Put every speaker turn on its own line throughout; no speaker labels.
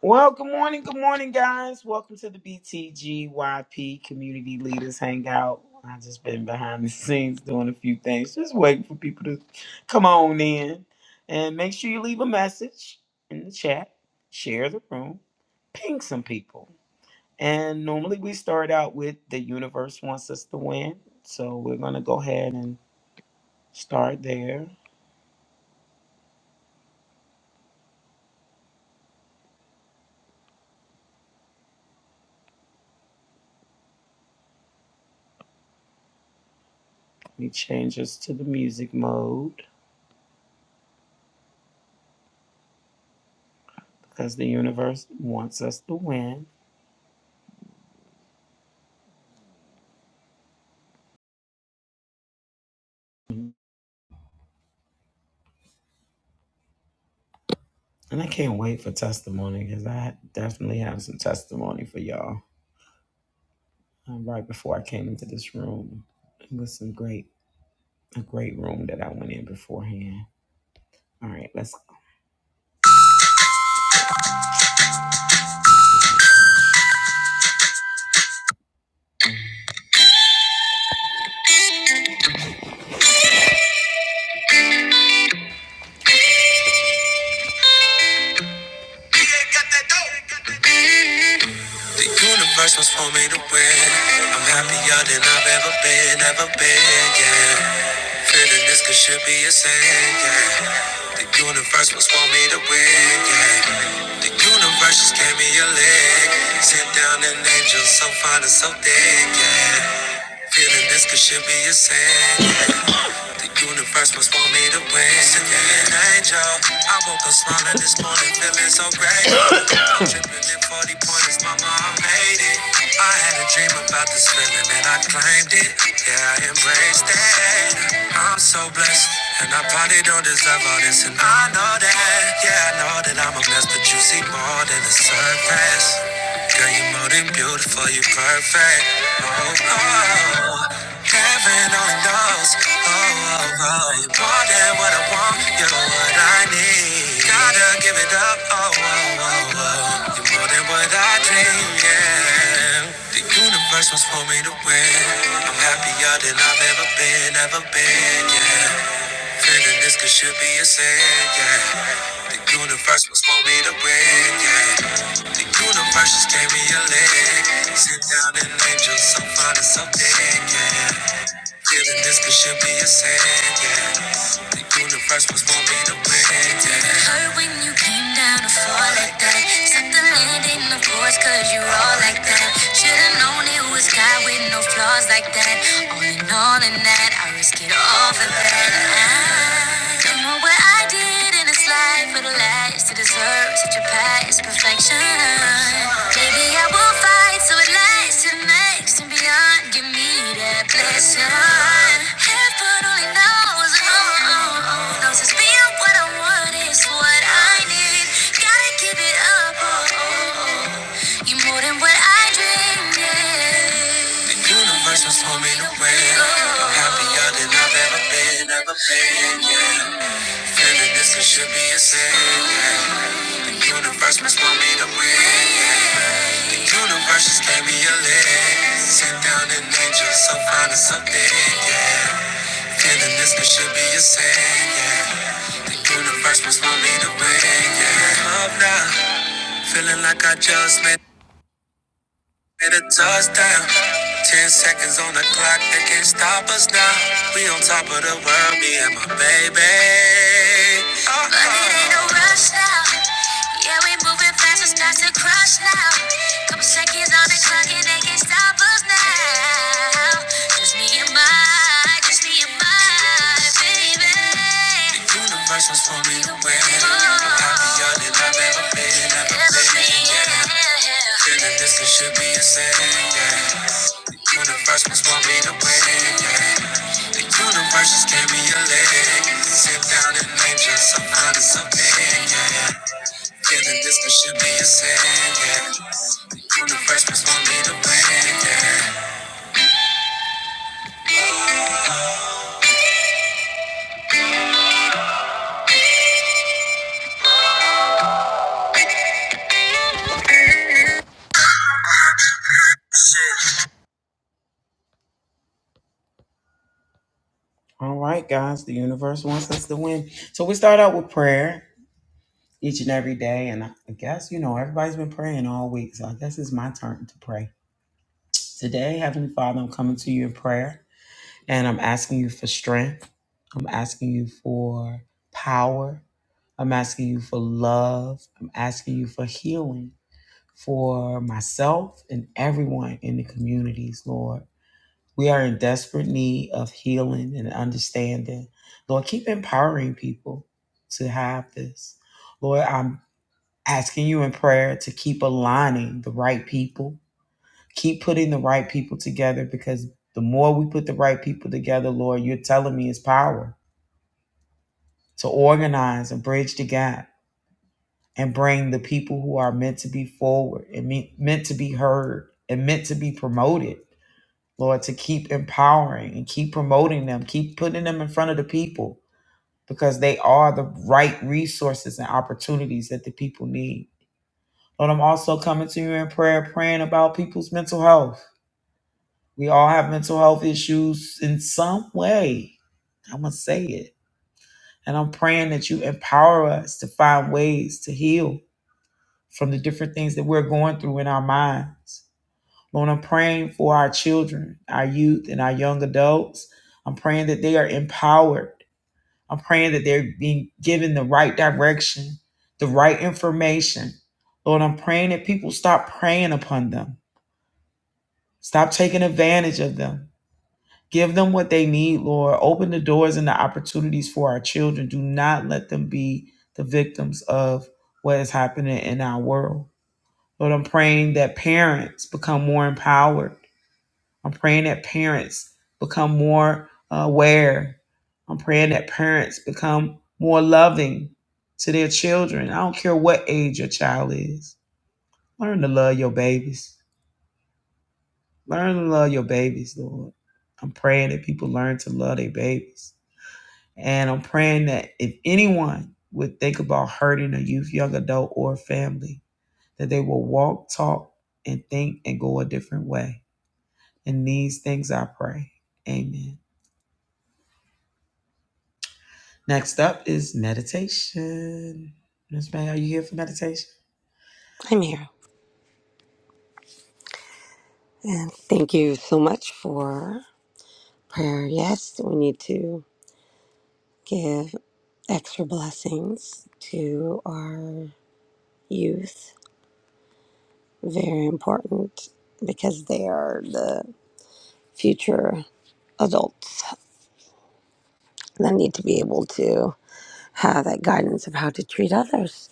Well, good morning, good morning, guys. Welcome to the BTGYP Community Leaders Hangout. I have just been behind the scenes doing a few things, just waiting for people to come on in. And make sure you leave a message in the chat, share the room, ping some people. And normally we start out with the universe wants us to win, so we're gonna go ahead and start there. Let me change us to the music mode because the universe wants us to win. And I can't wait for testimony because I definitely have some testimony for y'all. Um, right before I came into this room, it was some great, a great room that I went in beforehand. All right, let's. go. The universe was for me to win. I'm happier than I've ever been, ever been, yeah. Feeling this could should be a sin, yeah. The universe must want me to win, yeah. The universe just gave me a leg. Sent down an angel so fine and so thick, yeah. Feeling this could should be a sin, yeah. The universe must want me to win. an angel. I woke up smiling this morning, feeling so grateful. Tripping in 40 pointers, mama, I made it. I had a dream about this feeling and I claimed it. Yeah, I embraced it. I'm so blessed. And I probably don't deserve all this, and I know that. Yeah, I know that I'm a mess, but you see more than the surface. Girl, you're more than beautiful, you're perfect. Oh, oh. oh. Can't Ran on the nose. Oh, oh, oh. You're more than what I want. You're what I need. Gotta give it up. Oh, oh, oh, oh. You're more than what I dream. Yeah. The universe was for me to win. I'm happier than I've ever been, ever been. Yeah. Feeling this could should be a sin. Yeah. The universe was for me to win. Yeah. The universe just gave me a leg. Sit down and angel, so fine and so big. Yeah. Feeling this could should be a sin, yeah. The universe was born me to win, yeah. It hurt when you came down to fall like that. Set the landing, of course, cause you're all like that. Should've known it was God with no flaws like that. All in all, in that, I risk it all for that. I don't know where what I did in this life for the last to deserve such a past perfection. Maybe I will fight so it lasts and makes and beyond. Give me that blessing. Heaven only knows, oh, oh, oh, knows it's being what I want is what I need. Gotta give it up, oh, oh, oh. you more than what I dreamed. Yeah. The universe was homemade away. I'm happier than I've ever been, ever been, yeah. Feeling this it should be a sin. The universe must want me to win. The Universe just gave me a lift. Sit down and angel, so fine and something, yeah. Feeling this it should be a sin, yeah. The universe must want me to win, yeah. Up now, feeling like I just met. Get a touchdown. Ten seconds on the clock, they can't stop us now. We on top of the world, me and my baby. Uh-uh. But it ain't no rush now. Yeah, we moving fast, it's time to crush now. Couple seconds on the clock, and they can't stop us now. Just me and my, just me and my. Universe was for me to win. I'm happier than I've ever been. Ever been, yeah. Feeling this could should be a sin, yeah. The universe was for me to win, yeah. The universe just gave me a leg. Sit down and name just some honest opinion, yeah. Feeling this could should be a sin, yeah. The universe was for me to win, yeah. All right, guys, the universe wants us to win. So we start out with prayer each and every day. And I I guess, you know, everybody's been praying all week. So I guess it's my turn to pray. Today, Heavenly Father, I'm coming to you in prayer and I'm asking you for strength. I'm asking you for power. I'm asking you for love. I'm asking you for healing for myself and everyone in the communities, Lord. We are in desperate need of healing and understanding. Lord, keep empowering people to have this. Lord, I'm asking you in prayer to keep aligning the right people, keep putting the right people together because the more we put the right people together, Lord, you're telling me is power to organize and bridge the gap and bring the people who are meant to be forward and me- meant to be heard and meant to be promoted Lord, to keep empowering and keep promoting them, keep putting them in front of the people because they are the right resources and opportunities that the people need. Lord, I'm also coming to you in prayer, praying about people's mental health. We all have mental health issues in some way. I'm going to say it. And I'm praying that you empower us to find ways to heal from the different things that we're going through in our minds. Lord, I'm praying for our children, our youth, and our young adults. I'm praying that they are empowered. I'm praying that they're being given the right direction, the right information. Lord, I'm praying that people stop preying upon them, stop taking advantage of them. Give them what they need, Lord. Open the doors and the opportunities for our children. Do not let them be the victims of what is happening in our world. Lord, I'm praying that parents become more empowered I'm praying that parents become more aware. I'm praying that parents become more loving to their children. I don't care what age your child is. Learn to love your babies. Learn to love your babies, Lord. I'm praying that people learn to love their babies. And I'm praying that if anyone would think about hurting a youth, young adult, or family, that they will walk, talk, and think and go a different way. In these things I pray. Amen. Next up is meditation. Miss May, are you here for meditation?
I'm here. And thank you so much for prayer. Yes, we need to give extra blessings to our youth. Very important because they are the future adults that need to be able to have that guidance of how to treat others.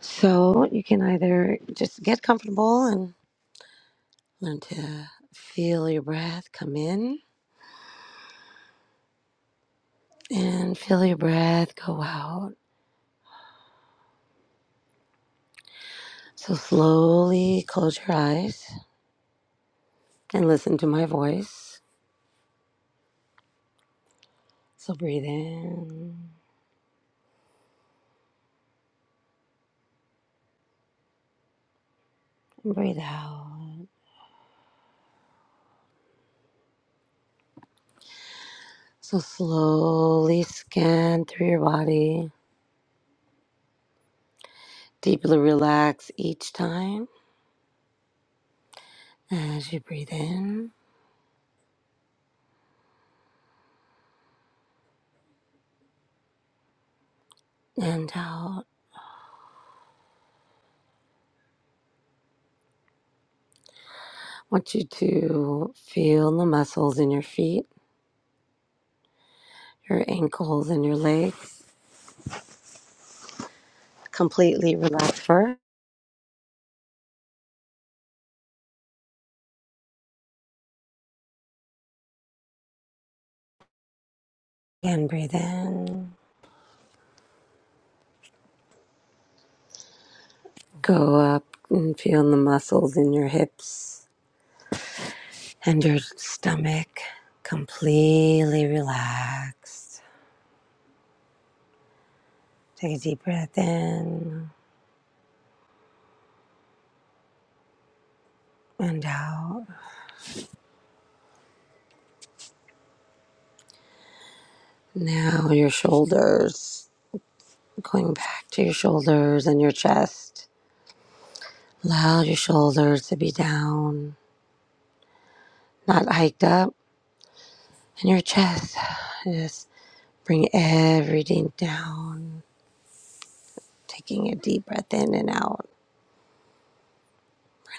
So you can either just get comfortable and learn to feel your breath come in and feel your breath go out So slowly close your eyes and listen to my voice. So breathe in and breathe out. So slowly scan through your body. Deeply relax each time as you breathe in and out. I want you to feel the muscles in your feet, your ankles, and your legs. Completely relax first and breathe in. Go up and feel the muscles in your hips and your stomach completely relaxed. Take a deep breath in and out. Now your shoulders, going back to your shoulders and your chest. Allow your shoulders to be down, not hiked up. And your chest, just bring everything down. Taking a deep breath in and out.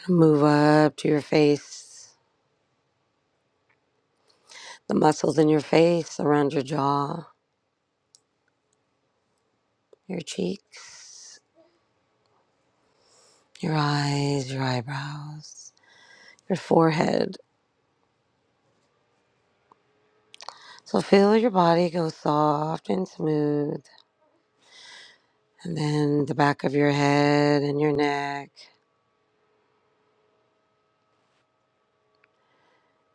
Move up to your face, the muscles in your face, around your jaw, your cheeks. your eyes, your eyebrows, your forehead. So feel your body go soft and smooth, and then the back of your head and your neck.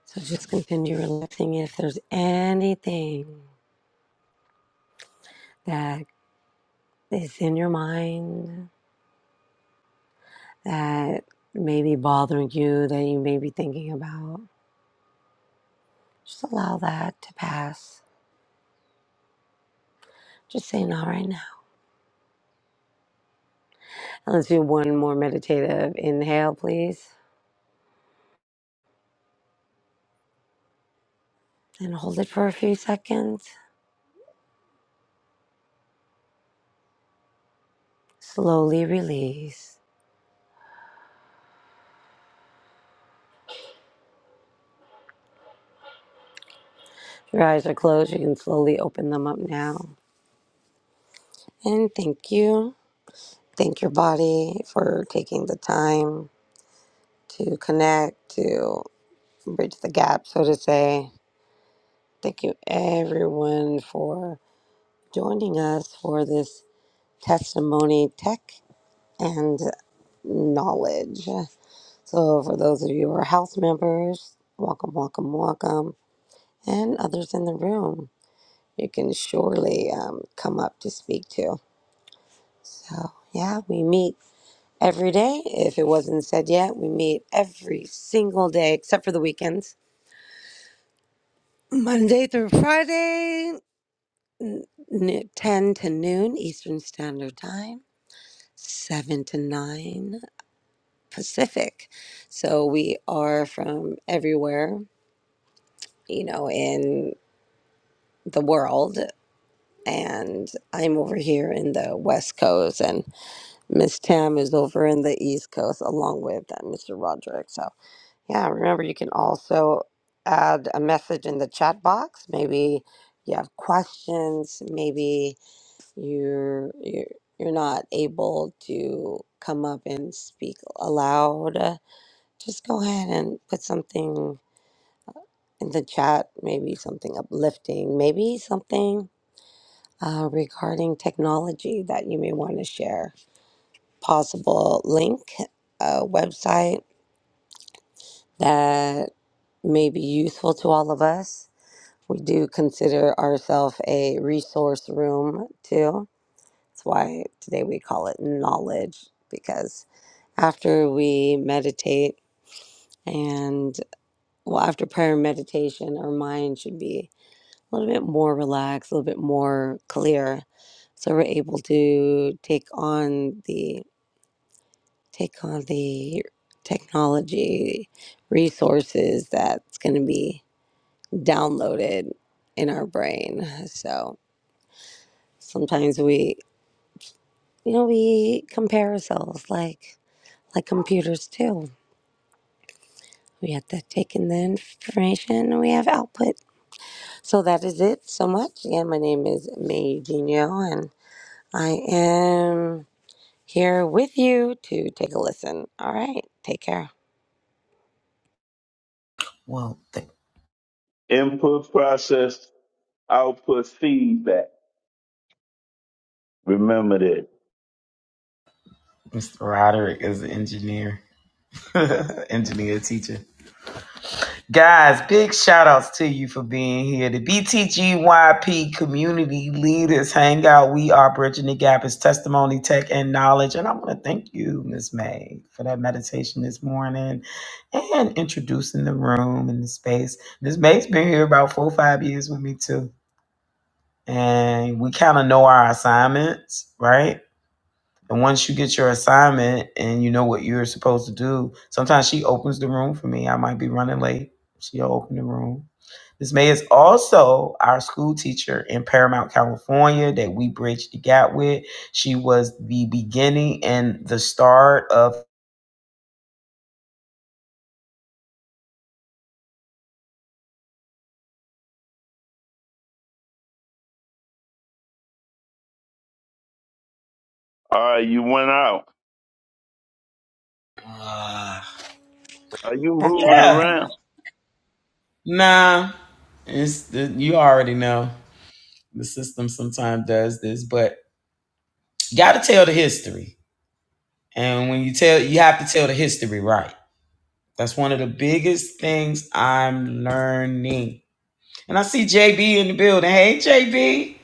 So just continue relaxing. If there's anything that is in your mind that may be bothering you, that you may be thinking about, just allow that to pass. Just say not right now. And let's do one more meditative inhale, please. And hold it for a few seconds. Slowly release. If your eyes are closed, you can slowly open them up now. And thank you. Thank your body for taking the time to connect, to bridge the gap, so to say. Thank you, everyone, for joining us for this testimony, tech, and knowledge. So, for those of you who are house members, welcome, welcome, welcome, and others in the room. you can surely um, come up to speak to. So, yeah, we meet every day. If it wasn't said yet, we meet every single day except for the weekends. Monday through Friday, n- 10 to noon Eastern Standard Time, 7 to 9 Pacific. So we are from everywhere, you know, in the world. And I'm over here in the West Coast. And Miss Tam is over in the East Coast along with uh, Mr. Roderick. So, yeah, remember you can also add a message in the chat box. Maybe you have questions, maybe you're you're, you're not able to come up and speak aloud. Uh, Just go ahead and put something in the chat, maybe something uplifting, maybe something uh, regarding technology that you may want to share possible link, a website that may be useful to all of us. We do consider ourselves a resource room too. That's why today we call it knowledge because after we meditate and well, after prayer and meditation, our mind should be a little bit more relaxed, a little bit more clear. So we're able to take on the take on the technology resources that's going to be downloaded in our brain. So sometimes we, you know, we compare ourselves like like computers too. We have to take in the information and we have output. So that is it so much. Again, my name is May Eugenio and I am here with you to take a listen. All right. Take care.
Well, th-
Input process, output feedback. Remember that.
Mr. Roderick is an engineer, engineer teacher. Guys, big shout outs to you for being here. The BTGYP Community Leaders Hangout. We are bridging the gap. It's testimony, tech, and knowledge. And I want to thank you, Miss May, for that meditation this morning and introducing the room and the space. Miss May's been here about four or five years with me too. and we kind of know our assignments, right? And once you get your assignment and you know what you're supposed to do, sometimes she opens the room for me. I might be running late. She'll open the room. Miss May is also our school teacher in Paramount, California, that we bridged the gap with. She was the beginning and the start of.
All right, you went out.
Ah.
Are you
Back
moving
to
yeah.
her.
around?
Nah. It's the, you already know the system sometimes does this, but gotta tell the history. And when you tell, you have to tell the history right. That's one of the biggest things I'm learning. And I see JB in the building. Hey, JB.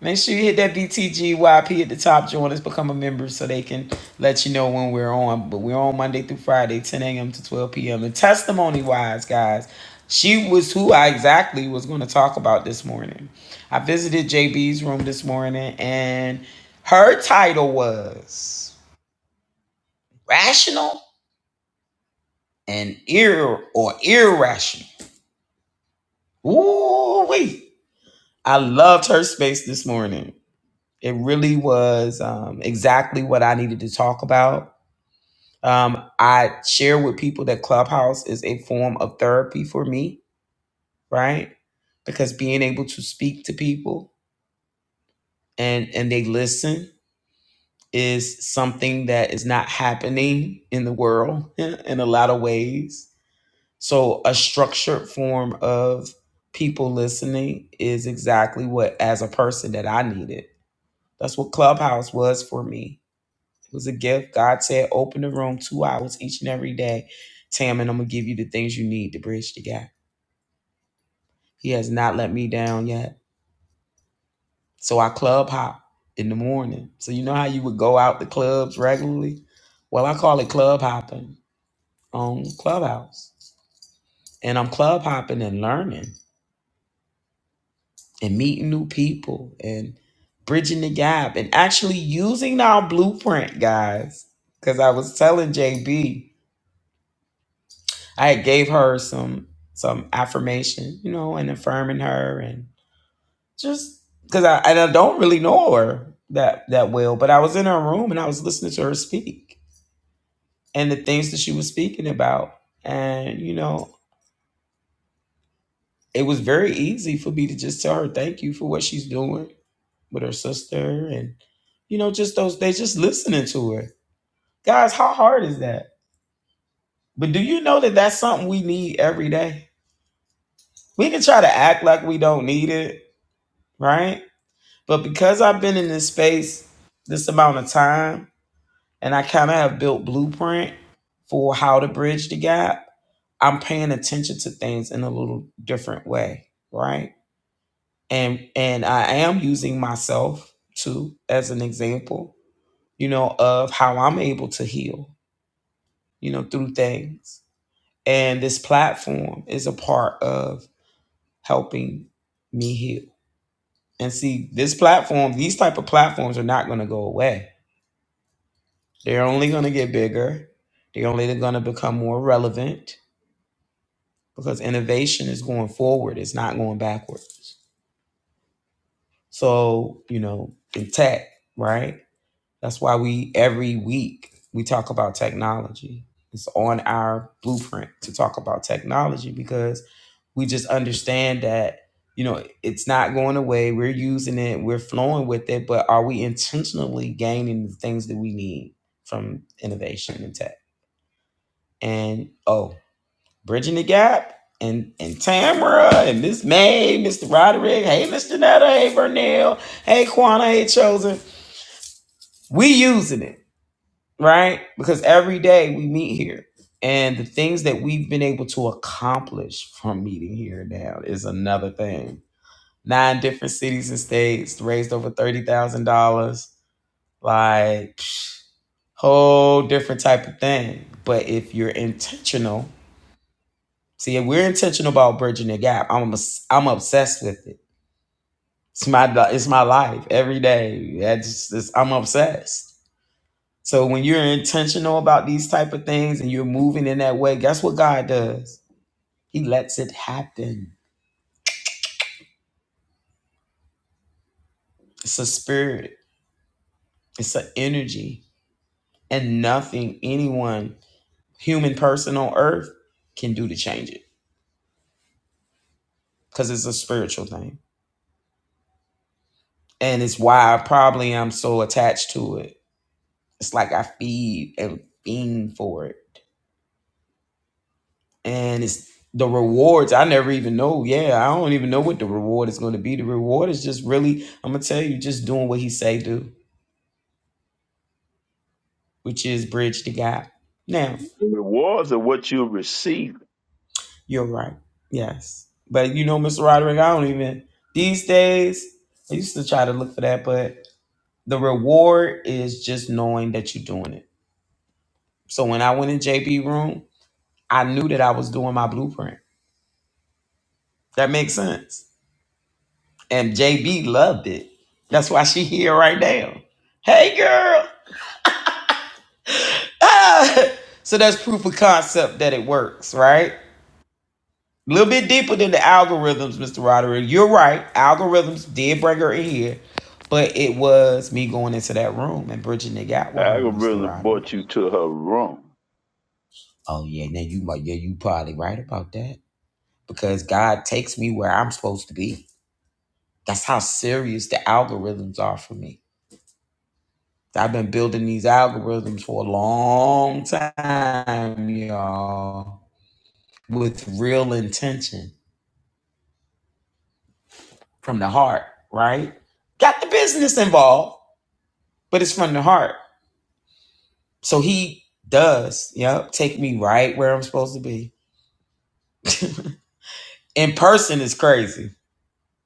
Make sure you hit that BTGYP at the top. Join us, become a member so they can let you know when we're on. But we're on Monday through Friday, 10 a.m. to 12 p.m. And testimony wise, guys, she was who I exactly was going to talk about this morning. I visited JB's room this morning, and her title was Rational and ir or irrational. Ooh, wait. I loved her space this morning. It really was um, exactly what I needed to talk about. Um, I share with people that Clubhouse is a form of therapy for me, right? Because being able to speak to people and and they listen is something that is not happening in the world in a lot of ways So, a structured form of people listening is exactly what, as a person, that I needed. That's what Clubhouse was for me. It was a gift. God said, open the room two hours each and every day. Tam, and I'm going to give you the things you need to bridge the gap. He has not let me down yet. So, I club hop in the morning. So, you know how you would go out to clubs regularly? Well, I call it club hopping on Clubhouse. And I'm club hopping and learning. and meeting new people and bridging the gap and actually using our blueprint, guys. Because I was telling JB, I had gave her some some affirmation, you know, and affirming her and just because I and I don't really know her that that well, but I was in her room and I was listening to her speak and the things that she was speaking about, and you know, it was very easy for me to just tell her thank you for what she's doing with her sister and you know just those they just listening to her guys how hard is that but do you know that that's something we need every day we can try to act like we don't need it right but because i've been in this space this amount of time and i kind of have built blueprint for how to bridge the gap i'm paying attention to things in a little different way right and and i am using myself too as an example you know, of how I'm able to heal, you know, through things. And this platform is a part of helping me heal. And see, this platform, these type of platforms are not going to go away. They're only going to get bigger. They're only going to become more relevant because innovation is going forward. It's not going backwards. So, you know, in tech, right? That's why we every week we talk about technology. It's on our blueprint to talk about technology because we just understand that you know it's not going away. We're using it, we're flowing with it, but are we intentionally gaining the things that we need from innovation and tech? And oh, bridging the gap and and Tamara and Miss May, Mr. Roderick, hey Mr. Netta, hey Vernell, hey Quana, hey Chosen. We using it right? Because every day we meet here, and the things that we've been able to accomplish from meeting here now is another thing. Nine different cities and states raised over thirty thousand dollars, like psh, whole different type of thing. But if you're intentional, see, if we're intentional about bridging the gap. I'm obs- I'm obsessed with it. It's my it's my life every day. I just, it's, I'm obsessed So when you're intentional about these type of things and you're moving in that way, guess what God does? He lets it happen. It's a spirit, it's an energy, and nothing anyone, human person on earth, can do to change it because it's a spiritual thing. And it's why I probably am so attached to it. It's like I feed and fiend for it. and it's the rewards i never even know yeah i don't even know what the reward is going to be the reward is just really i'm gonna tell you just doing what he say do which is bridge the gap now
The rewards are what you receive.
you're right yes but you know mr roderick i don't even these days i used to try to look for that but the reward is just knowing that you're doing it so when i went in jb room i knew that i was doing my blueprint that makes sense And JB loved it. That's why she here right now. Hey girl. Ah! So that's proof of concept that it works, right? A little bit deeper than the algorithms, Mr. Roderick. You're right. Algorithms did bring her in here, but it was me going into that room and bridging it out with
I
her,
could
Mr.
really
Roderick.
brought you to her room.
Oh yeah, now you might yeah, you probably right about that. Because God takes me where I'm supposed to be. That's how serious the algorithms are for me. I've been building these algorithms for a long time, y'all, with real intention from the heart, right? Got the business involved, but it's from the heart. So he does, yep, take me right where I'm supposed to be. In person is crazy.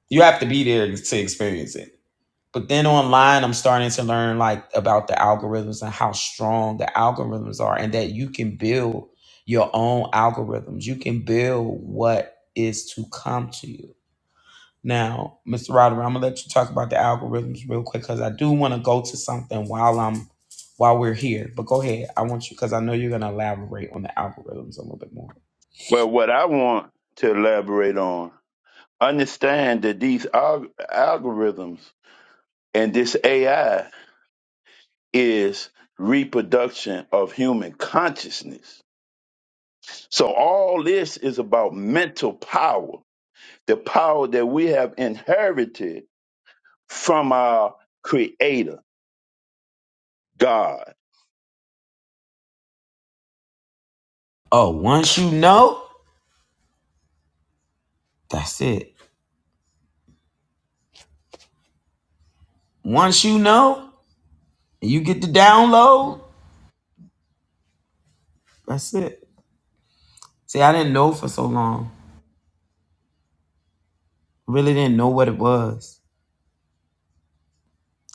You have to be there to experience it But then online, I'm starting to learn like about the algorithms and how strong the algorithms are, and that you can build your own algorithms. You can build what is to come to you. Now, Mr. Roderick, I'm gonna let you talk about the algorithms real quick because I do want to go to something while I'm while we're here. But go ahead, I want you because I know you're gonna elaborate on the algorithms a little bit more.
Well, what I want to elaborate on, understand that these alg- algorithms and this AI is reproduction of human consciousness. So all this is about mental power, the power that we have inherited from our creator, God.
Oh, once you know, that's it. Once you know, you get to download. That's it. See, I didn't know for so long. Really didn't know what it was.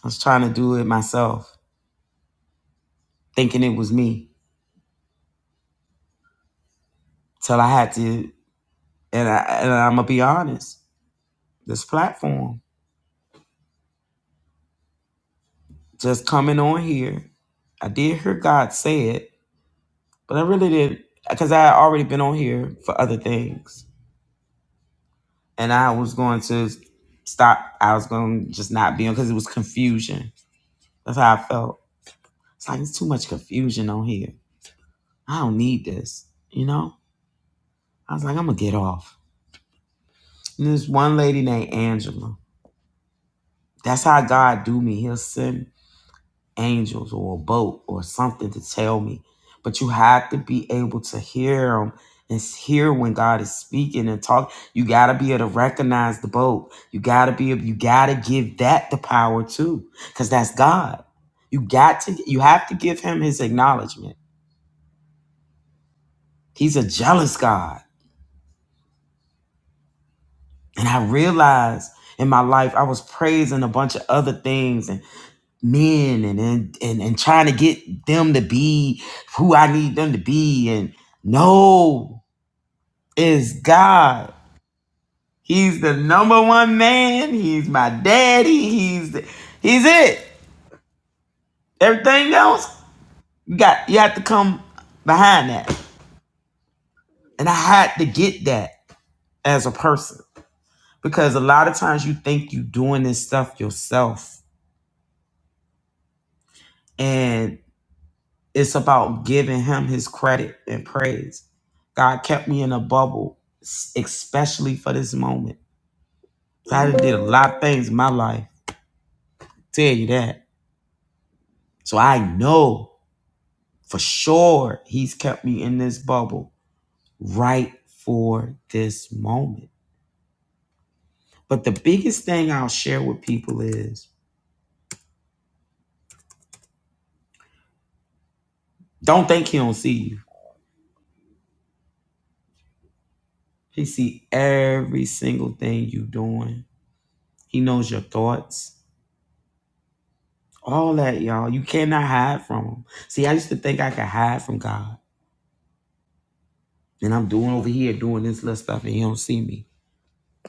I was trying to do it myself, thinking it was me. Till I had to, and, I, and I'm gonna be honest. This platform, just coming on here, I did hear God say it, but I really did because I had already been on here for other things, and I was going to stop. I was going to just not be on because it was confusion. That's how I felt. It's like it's too much confusion on here. I don't need this, you know. I was like, I'm gonna get off. And There's one lady named Angela. That's how God do me. He'll send angels or a boat or something to tell me. But you have to be able to hear him and hear when God is speaking and talk. You gotta be able to recognize the boat. You gotta be able, you gotta give that the power too. Cause that's God. You got to you have to give him his acknowledgement. He's a jealous God. And I realized in my life I was praising a bunch of other things and. men and, and and and trying to get them to be who I need them to be and no it's God. He's the number one man. He's my daddy. He's the, he's it. Everything else you got you have to come behind that. And I had to get that as a person because a lot of times you think you doing this stuff yourself and. It's about giving him his credit and praise. God kept me in a bubble, s- especially for this moment. So I done did a lot of things in my life, tell you that. So I know for sure he's kept me in this bubble right for this moment. But the biggest thing I'll share with people is don't think he don't see you. He see every single thing you doing. He knows your thoughts. All that, y'all. You cannot hide from him. See, I used to think I could hide from God. And I'm doing over here doing this little stuff and he don't see me.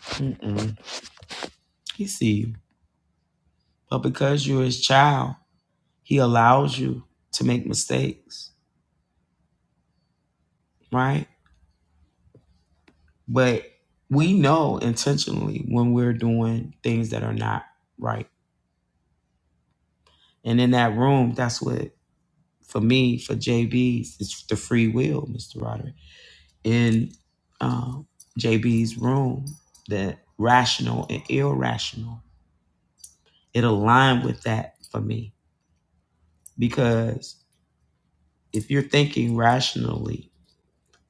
Mm-mm. He see you. But because you're his child, he allows you to make mistakes, right? But we know intentionally when we're doing things that are not right. And in that room, that's what, for me, for JB's, it's the free will, Mr. Roderick. in uh, JB's room, that rational and irrational, it aligned with that for me. Because if you're thinking rationally,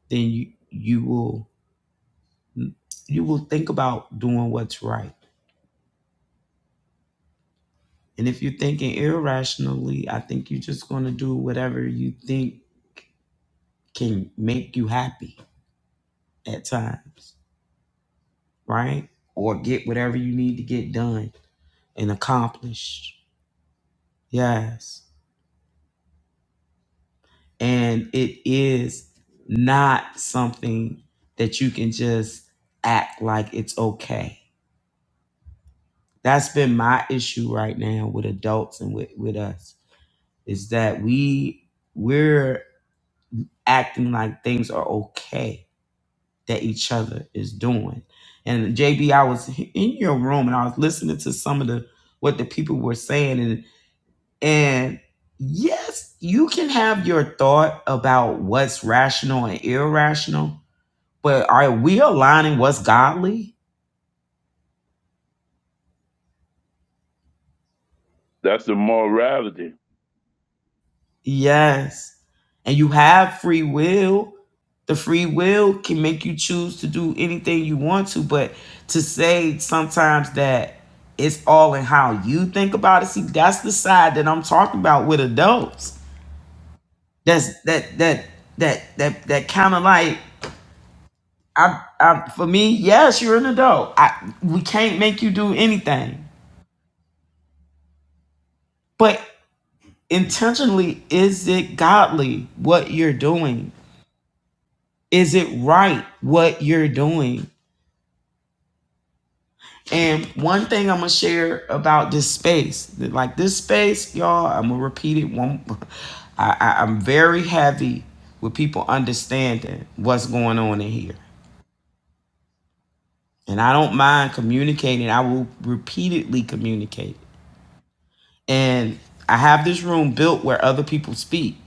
then you, you will you will think about doing what's right. And if you're thinking irrationally, I think you're just going to do whatever you think can make you happy at times, right? Or get whatever you need to get done and accomplished. Yes. and it is not something that you can just act like it's okay that's been my issue right now with adults and with, with us is that we we're acting like things are okay that each other is doing and jb i was in your room and i was listening to some of the what the people were saying and and yes you can have your thought about what's rational and irrational But are we aligning what's godly?
That's the morality.
Yes. And you have free will. The free will can make you choose to do anything you want to, but to say sometimes that it's all in how you think about it. See, that's the side that I'm talking about with adults. That's that that that that that kind of like I, I for me, yes, you're an adult. I we can't make you do anything. but. intentionally is it godly what you're doing is it right what you're doing and one thing i'm gonna share about this space like this space y'all i'm gonna repeat it one I, I i'm very heavy with people understanding what's going on in here and i don't mind communicating i will repeatedly communicate and i have this room built where other people speak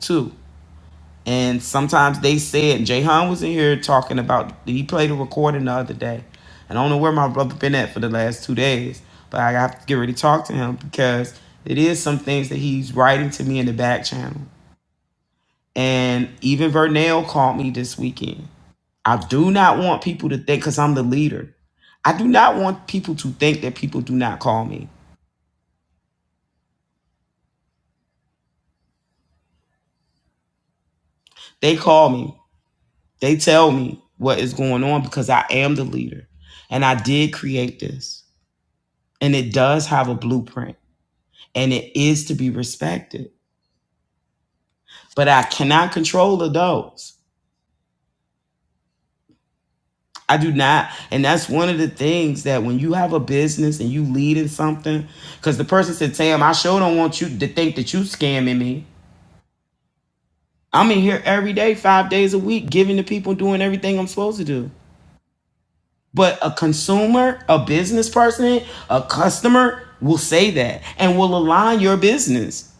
too And sometimes they said Jahan was in here talking about he played a recording the other day. And I don't know where my brother been at for the last two days, but I have to get ready to talk to him because it is some things that he's writing to me in the back channel. And even Vernell called me this weekend. I do not want people to think because I'm the leader. I do not want people to think that people do not call me. They call me. They tell me what is going on because I am the leader. And I did create this. and it does have a blueprint and it is to be respected but i cannot control adults i do not and that's one of the things that when you have a business and you lead in something because the person said "Tam, i sure don't want you to think that you scamming me i'm in here every day five days a week giving to people doing everything i'm supposed to do but a consumer a business person a customer will say that and will align your business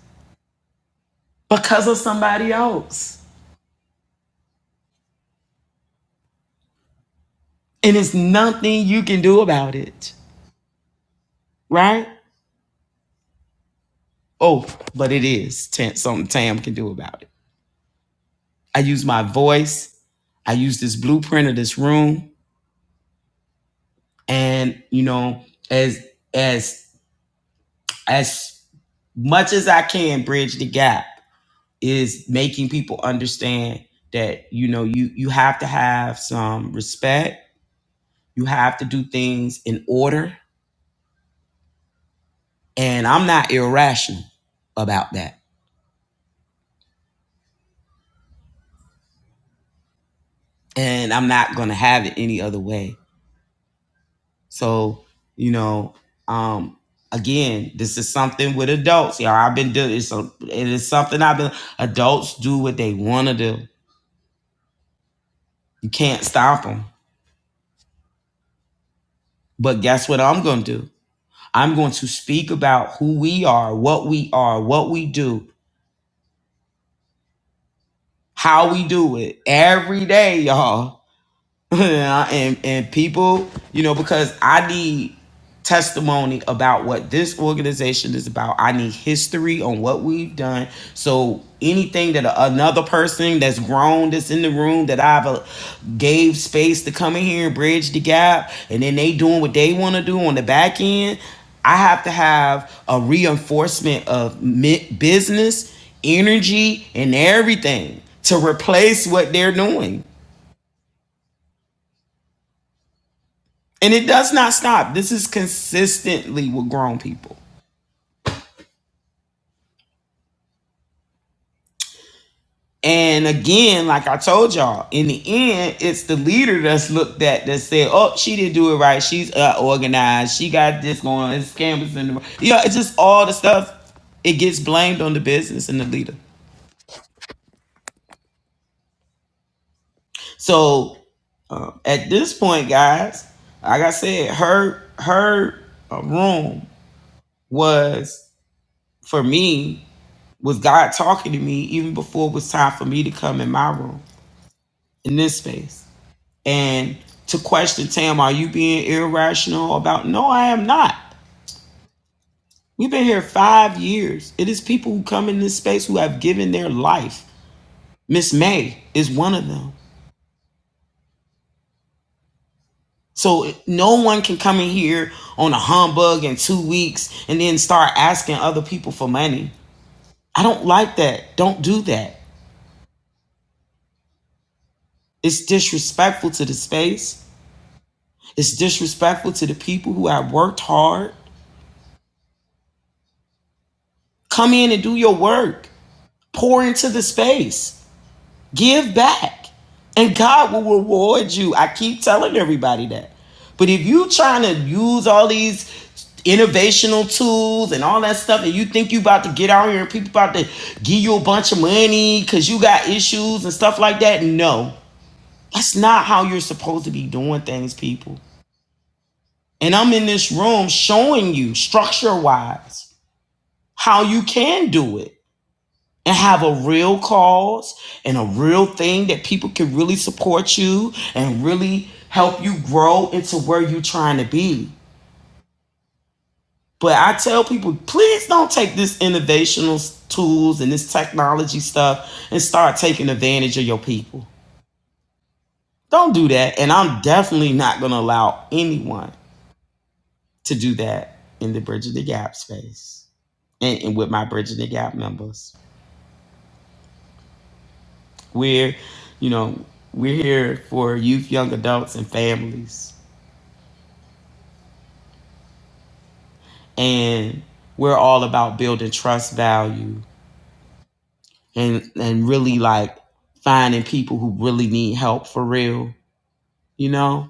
because of somebody else And it's nothing you can do about it, right? Oh, but it is Tam- something Tam can do about it. I use my voice. I use this blueprint of this room, and you know, as as as much as I can, bridge the gap is making people understand that you know you you have to have some respect. You have to do things in order, and I'm not irrational about that, and I'm not going to have it any other way So, you know, um, again, this is something with adults, y'all. I've been doing it's a, it is something I've been. Adults do what they want to do. You can't stop them. But guess what I'm going to do? I'm going to speak about who we are, what we are, what we do, how we do it every day, y'all and and people, you know, because I need testimony about what this organization is about. I need history on what we've done. So anything that another person that's grown that's in the room that I've uh, gave space to come in here and bridge the gap, and then they doing what they want to do on the back end. I have to have a reinforcement of business, energy, and everything to replace what they're doing And it does not stop. This is consistently with grown people. And again, like I told y'all, in the end, it's the leader that's looked at that said, "Oh, she didn't do it right. She's uh, organized. She got this going. on. It's scammers in the yeah. It's just all the stuff. It gets blamed on the business and the leader. So um, at this point, guys, like I said, her her uh, room was for me was God talking to me even before it was time for me to come in my room. in this space. And to question Tam, are you being irrational about? No, I am not. We've been here five years. It is people who come in this space who have given their life. Miss May is one of them. So no one can come in here on a humbug in two weeks and then start asking other people for money. I don't like that. Don't do that. It's disrespectful to the space. It's disrespectful to the people who have worked hard. Come in and do your work. Pour into the space. Give back. And God will reward you. I keep telling everybody that. But if you trying to use all these innovational tools and all that stuff, and you think you about to get out here and people about to give you a bunch of money because you got issues and stuff like that, no. That's not how you're supposed to be doing things, people. And I'm in this room showing you structure wise how you can do it. and have a real cause and a real thing that people can really support you and really help you grow into where you're trying to be. But I tell people, please don't take this innovational tools and this technology stuff and start taking advantage of your people. Don't do that. And I'm definitely not going to allow anyone to do that in the Bridging the Gap space and, and with my Bridging the Gap members. We're, you know, we're here for youth, young adults, and families. And we're all about building trust value and and really like finding people who really need help for real, you know?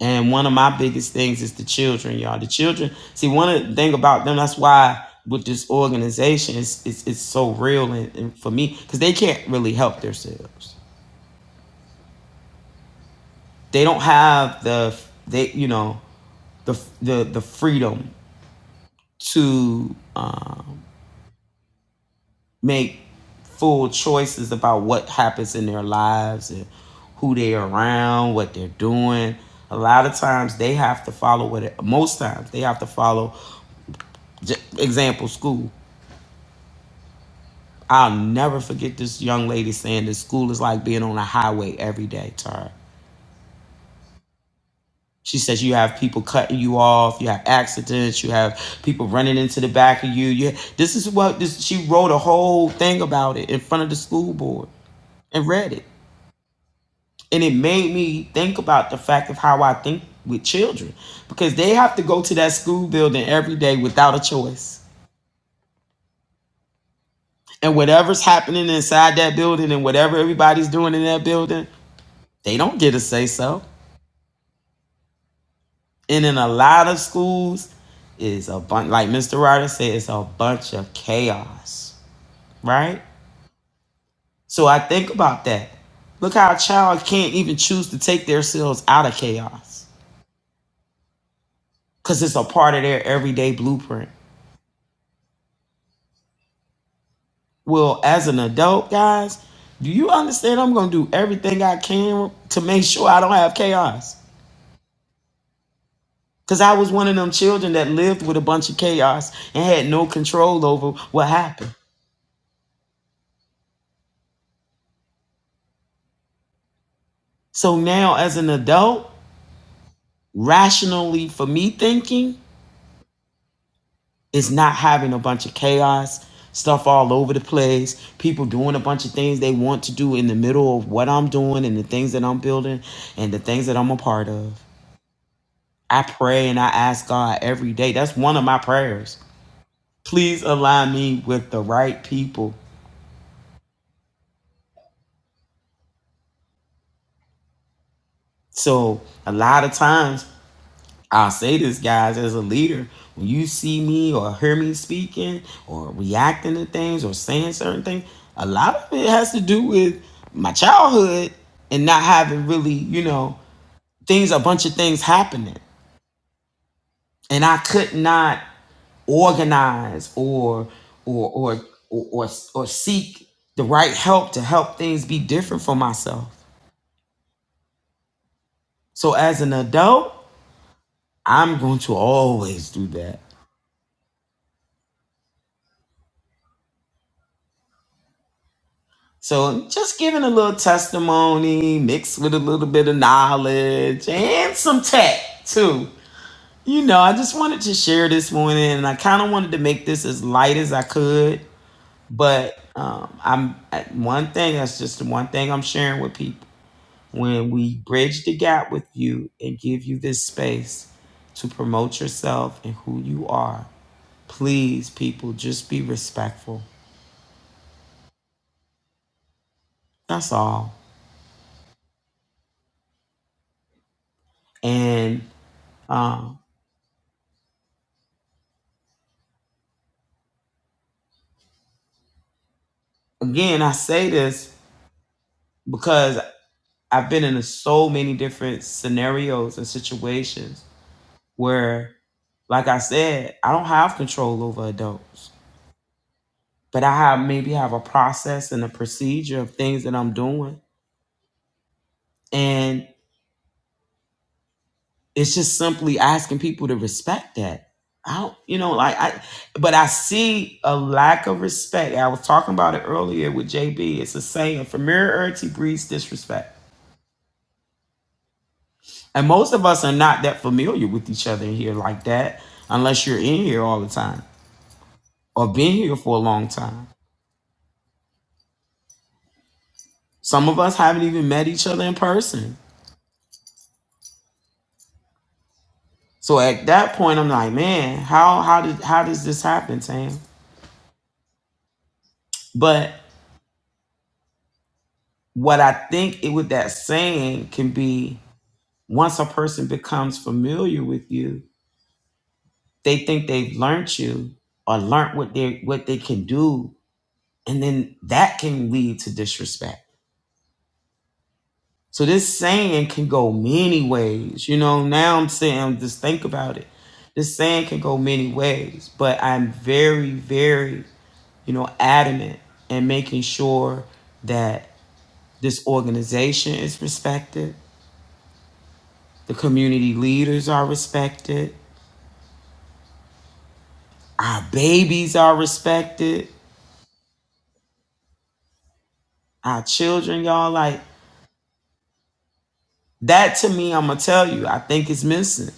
And one of my biggest things is the children, y'all. The children, see, one of the thing about them, that's why with this organization, it's, it's, it's so real and, and for me, because they can't really help themselves. They don't have the, they, you know, the, the, the freedom to um, make full choices about what happens in their lives and who they're around, what they're doing. A lot of times they have to follow what, it, most times they have to follow, example, school. I'll never forget this young lady saying that school is like being on a highway every day to her. She says you have people cutting you off, you have accidents, you have people running into the back of you. You this is what this she wrote a whole thing about it in front of the school board. and read it. And it made me think about the fact of how I think with children because they have to go to that school building every day without a choice. And whatever's happening inside that building and whatever everybody's doing in that building, they don't get a say so. And in a lot of schools, is a bunch, like Mr. Ryder said, it's a bunch of chaos, right? So I think about that. Look how a child can't even choose to take themselves out of chaos because it's a part of their everyday blueprint. Well, as an adult, guys, do you understand? I'm going to do everything I can to make sure I don't have chaos. Because I was one of them children that lived with a bunch of chaos and had no control over what happened. So now, as an adult, rationally for me thinking is not having a bunch of chaos, stuff all over the place, people doing a bunch of things they want to do in the middle of what I'm doing and the things that I'm building and the things that I'm a part of. I pray and I ask God every day. That's one of my prayers. Please align me with the right people. So, a lot of times, I'll say this, guys, as a leader, when you see me or hear me speaking or reacting to things or saying certain things, a lot of it has to do with my childhood and not having really, you know, things, a bunch of things happening. And I could not organize or or or or or, or seek the right help to help things be different for myself. So as an adult, I'm going to always do that. So just giving a little testimony mixed with a little bit of knowledge and some tech too. You know, I just wanted to share this morning and I kind of wanted to make this as light as I could, but um I'm I, one thing that's just the one thing I'm sharing with people when we bridge the gap with you and give you this space to promote yourself and who you are, please, people, just be respectful. That's all. And um, again, I say this because I've been in so many different scenarios and situations where, like I said, I don't have control over adults, but I have maybe have a process and a procedure of things that I'm doing. and. it's just simply asking people to respect that. I don't, you know, like I, but I see a lack of respect. I was talking about it earlier with JB. It's a saying: familiarity breeds disrespect, and most of us are not that familiar with each other in here like that, unless you're in here all the time or been here for a long time. Some of us haven't even met each other in person. So at that point, I'm like, man, how how did how does this happen, Tam? But what I think it with that saying can be Once a person becomes familiar with you, they think they've learned you or learned what they what they can do, and then that can lead to disrespect. So this saying can go many ways. You know, now I'm saying just think about it. This saying can go many ways, but I'm very, very, you know, adamant in making sure that this organization is respected, the community leaders are respected, our babies are respected, Our children, y'all, like that to me, I'm gonna tell you, I think it's missing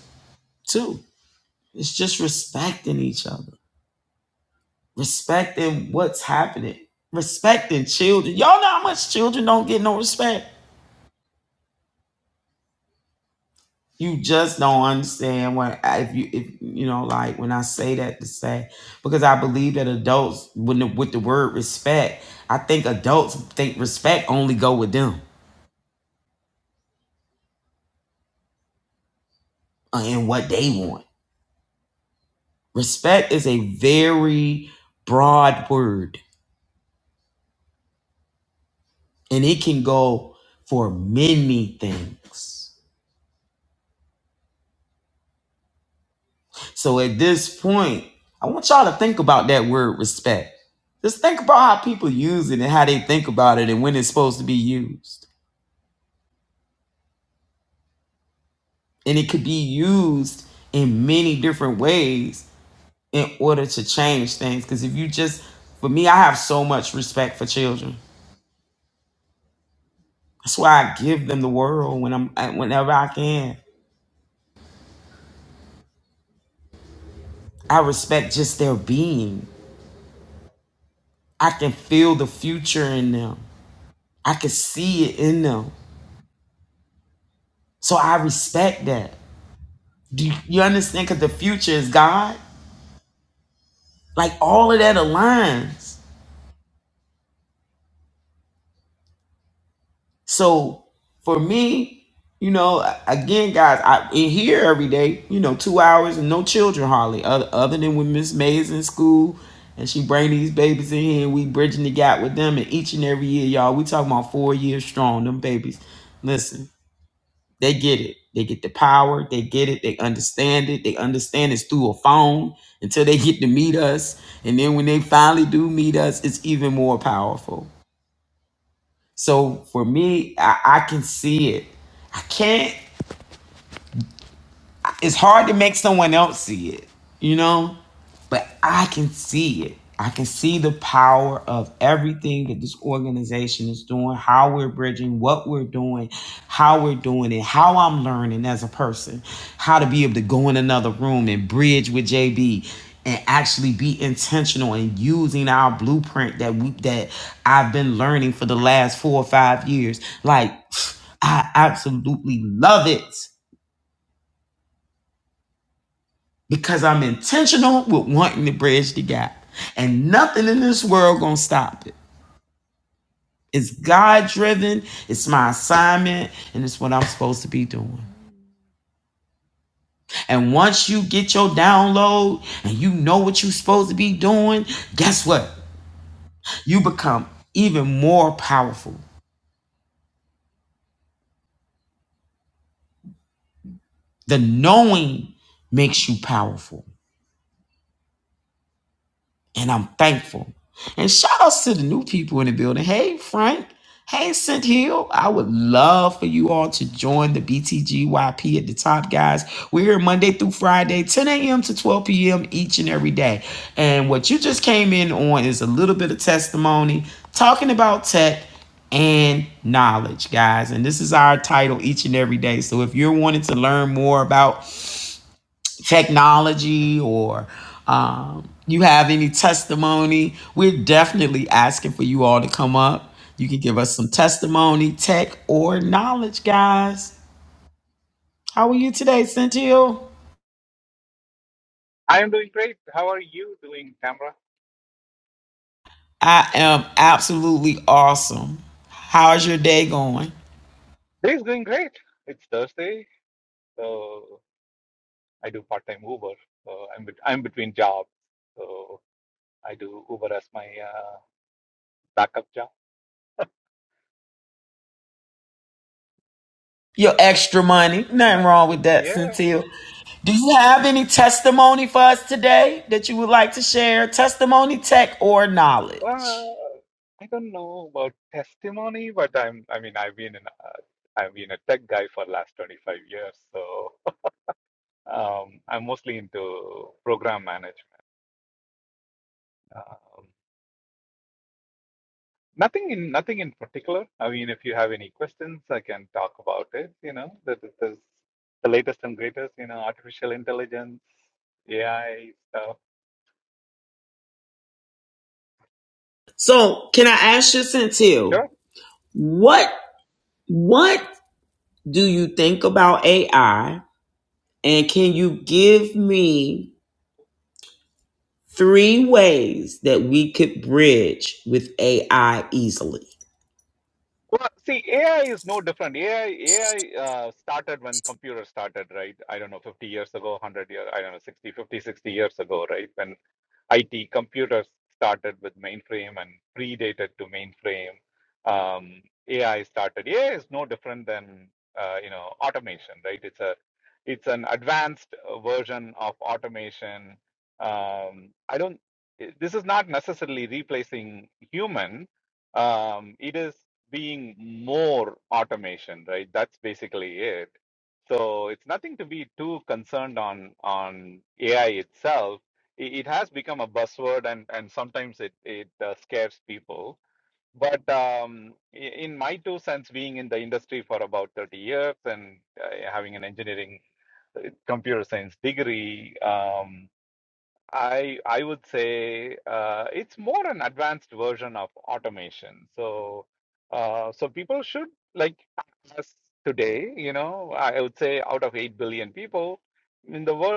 too. It's just respecting each other, respecting what's happening, respecting children. Y'all know how much children don't get no respect. You just don't understand what I- if you if you know like when I say that to say because I believe that adults when the, with the word respect, I think adults think respect only go with them uh, and what they want. Respect is a very broad word and it can go for many things. So at this point, I want y'all to think about that word respect. Just think about how people use it and how they think about it and when it's supposed to be used. And it could be used in many different ways in order to change things. Because if you just, for me, I have so much respect for children. That's why I give them the world when I'm whenever I can. I respect just their being. I can feel the future in them. I could see it in them. So I respect that. Do you, you understand? Because the future is God. Like all of that aligns. So for me, you know, a- again, guys, I in here every day, you know, two hours and no children hardly, other, other than when Miss May's in school and she bring these babies in here and we bridging the gap with them. And each and every year, y'all, we talking about four years strong, them babies. Listen, They get it. They get the power. They get it. They understand it. They understand it's through a phone until they get to meet us. And then when they finally do meet us, it's even more powerful. So for me, I, I can see it. I can't. it's hard to make someone else see it, you know? But I can see it. I can see the power of everything that this organization is doing, how we're bridging, what we're doing, how we're doing it, how I'm learning as a person, how to be able to go in another room and bridge with JB and actually be intentional and using our blueprint that we that I've been learning for the last four or five years. Like I absolutely love it. because I'm intentional with wanting to bridge the gap. And nothing in this world gonna stop it. It's God driven, it's my assignment, and it's what I'm supposed to be doing. And once you get your download and you know what you're supposed to be doing, guess what? You become even more powerful. The knowing makes you powerful. and I'm thankful. And shout outs to the new people in the building. Hey, Frank. Hey, Cent Hill. I would love for you all to join the BTGYP at the top, guys. We're here Monday through Friday, 10 a.m. to 12 p.m. each and every day. And what you just came in on is a little bit of testimony talking about tech and knowledge, guys. And this is our title each and every day. So if you're wanting to learn more about technology or um, you have any testimony, we're definitely asking for you all to come up. You can give us some testimony, tech, or knowledge, guys. How are you today, Cynthia?
I am doing great. How are you doing, Tamra?
I am absolutely awesome. How's your day going?
Day is going great. It's Thursday, so I do part-time Uber. So I'm bet- I'm between jobs, so I do Uber as my uh, backup job.
Your extra money.
No,
Nothing wrong with that,
Yeah,
Cynthia. Do you have any testimony for us today that you would like to share? Testimony, tech, or knowledge?
well, I don't know about testimony, but I'm I mean I've been in uh, I've been a tech guy for last 25 years, so um, I'm mostly into program management. Um, Nothing in nothing in particular. I mean, if you have any questions, I can talk about it. You know, the the, the, the latest and greatest. You know, artificial intelligence, AI stuff.
So, can I ask you, Cynthia?
Sure.
What what do you think about AI? And can you give me three ways that we could bridge with AI easily?
Well, see, AI is no different. AI AI uh, started when computers started, right? I don't know, 50 years ago, 100 years, I don't know, 60, 50, 60 years ago, right? When IT computers started with mainframe and predated to mainframe. Um, AI started. AI is no different than uh, you know automation, right? It's a it's an advanced uh, version of automation. Um, I don't. i- This is not necessarily replacing human. Um, it is being more automation, right? That's basically it. So it's nothing to be too concerned on on AI itself it it has become a buzzword and and sometimes it it uh, scares people but um, in my two cents being in the industry for about 30 years and uh, having an engineering uh, computer science degree um, i i would say uh, it's more an advanced version of automation so uh, so people should like us today you know I would say out of 8 billion people in the world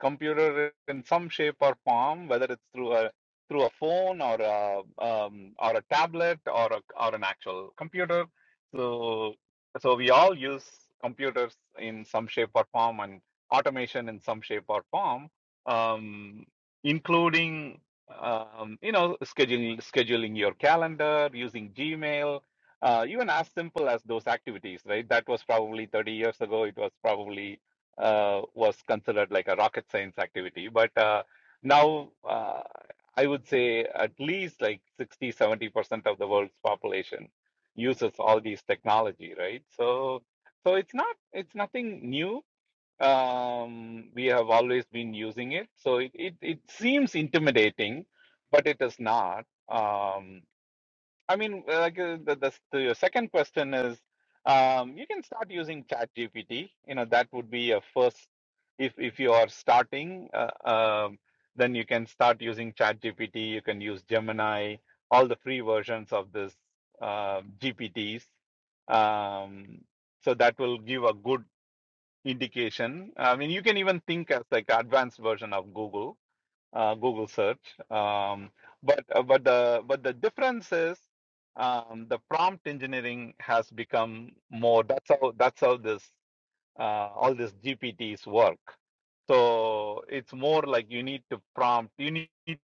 computer in some shape or form, whether it's through a through a phone or a um, or a tablet or a, or an actual computer. So so we all use computers in some shape or form and automation in some shape or form, um, including um, you know scheduling scheduling your calendar using Gmail. Uh, even as simple as those activities, right? That was probably 30 years ago. It was probably uh, was considered like a rocket science activity. But uh, now uh, I would say at least like sixty, seventy percent of the world's population uses all these technology, right? So, so it's not, it's nothing new. Um, we have always been using it. So it, it, it seems intimidating, but it is not. Um, I mean, uh, like uh, the, the the your second question is, um, you can start using ChatGPT. You know, that would be a first. If if you are starting, uh, um, then you can start using ChatGPT. You can use Gemini, all the free versions of this uh, GPTs. Um, so that will give a good indication. I mean, you can even think as like advanced version of Google uh, Google search. Um, but uh, but the but the difference is um, the prompt engineering has become more. That's how that's how this uh, all these GPTs work. So it's more like you need to prompt. You need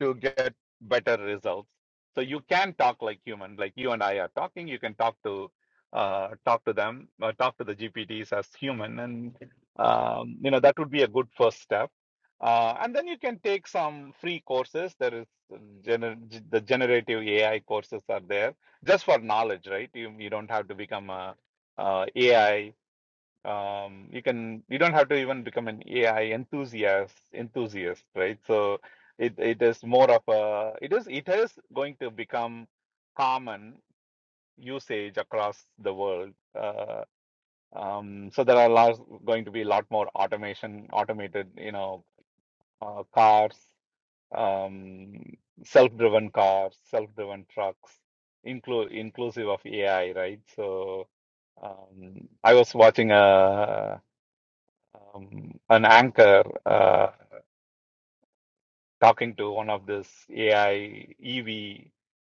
to get better results. So you can talk like human, like you and I are talking. You can talk to uh, talk to them, uh, talk to the GPTs as human, and um, you know that would be a good first step. Uh, and then you can take some free courses. There is um, gener- the generative AI courses are there just for knowledge, right? You you don't have to become a, uh AI um, you can you don't have to even become an AI enthusiast enthusiast, right? So it it is more of a it is it is going to become common usage across the world. Uh, um, so there are lots, going to be a lot more automation, automated, you know, uh, cars, um, self-driven cars, self-driven trucks, include inclusive of AI, right? So um, I was watching a um, an anchor uh, talking to one of this AI EV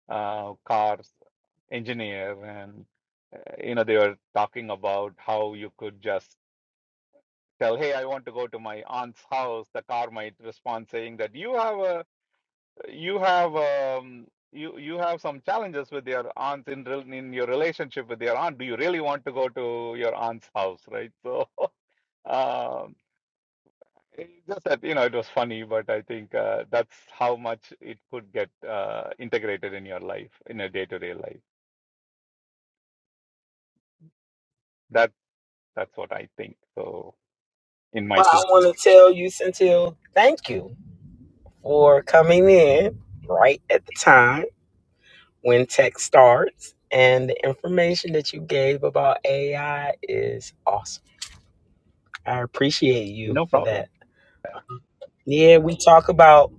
uh, cars engineer, and uh, you know they were talking about how you could just tell, "Hey, I want to go to my aunt's house." The car might respond saying that you have a you have um, you you have some challenges with your aunt in rel- in your relationship with your aunt. Do you really want to go to your aunt's house, right? So. um It's just that, you know, it was funny, but I think uh, that's how much it could get uh, integrated in your life, in a day-to-day life. That that's what I think. So, in my
Well, I
two cents,
want to tell you, Centil, thank you for coming in right at the time when tech starts. And the information that you gave about AI is awesome. I appreciate you
no
for that.
problem.
Yeah, we talk about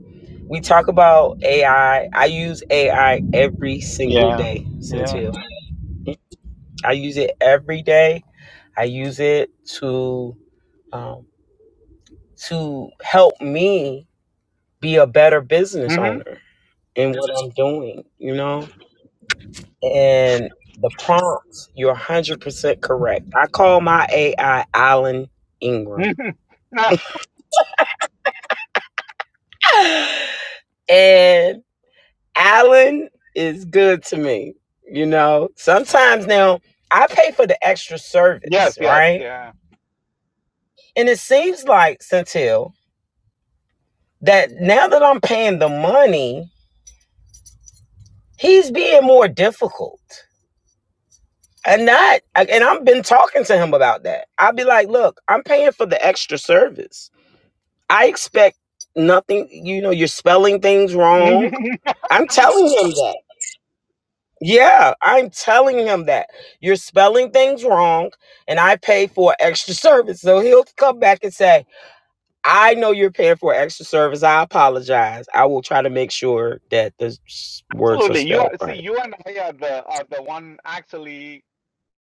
we talk about AI. I I use AI every single
Yeah,
day,
yeah.
Cynthia. I use it every day. I use it to um, to help me be a better business
hmm
owner in what I'm doing. You know, and the prompts. You're 100 percent correct. I call my AI Alan Ingram,
hmm
and Allen is good to me. You know, sometimes now I pay for the extra
yes,
service,
yes,
right?
yeah.
And it seems like Centil that now that I'm paying the money, he's being more difficult. And not and I've been talking to him about that. I'll be like, look, I'm paying for the extra service. I expect nothing, you know, you're spelling things wrong.
Mhm.
I'm telling him that. Yeah, I'm telling him that you're spelling things wrong, and I pay for extra service. So he'll come back and say, I know you're paying for extra service. I apologize. I will try to make sure that the s- words are
Absolutely. You
spelled
are, see,
right.
you and I are the are the one actually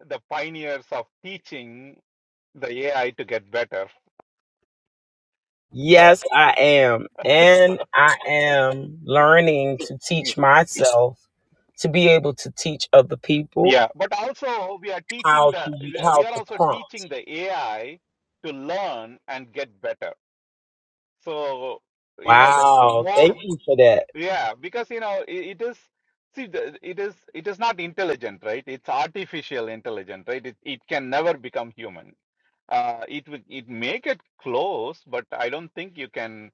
the pioneers of teaching the AI to get better.
Yes, I am. And I am learning to teach myself to be able to teach other people
Yeah, but also we are teaching
how
the
to
we
how
we are
to
also
pump.
teaching the AI to learn and get better. So, you know, the the
Wow, thank
more
you for that.
yeah, because you know it, it is see the, it is it is not intelligent, right? It's artificial intelligent, right? It it can never become human. Uh, it would it make it close, but I don't think you can.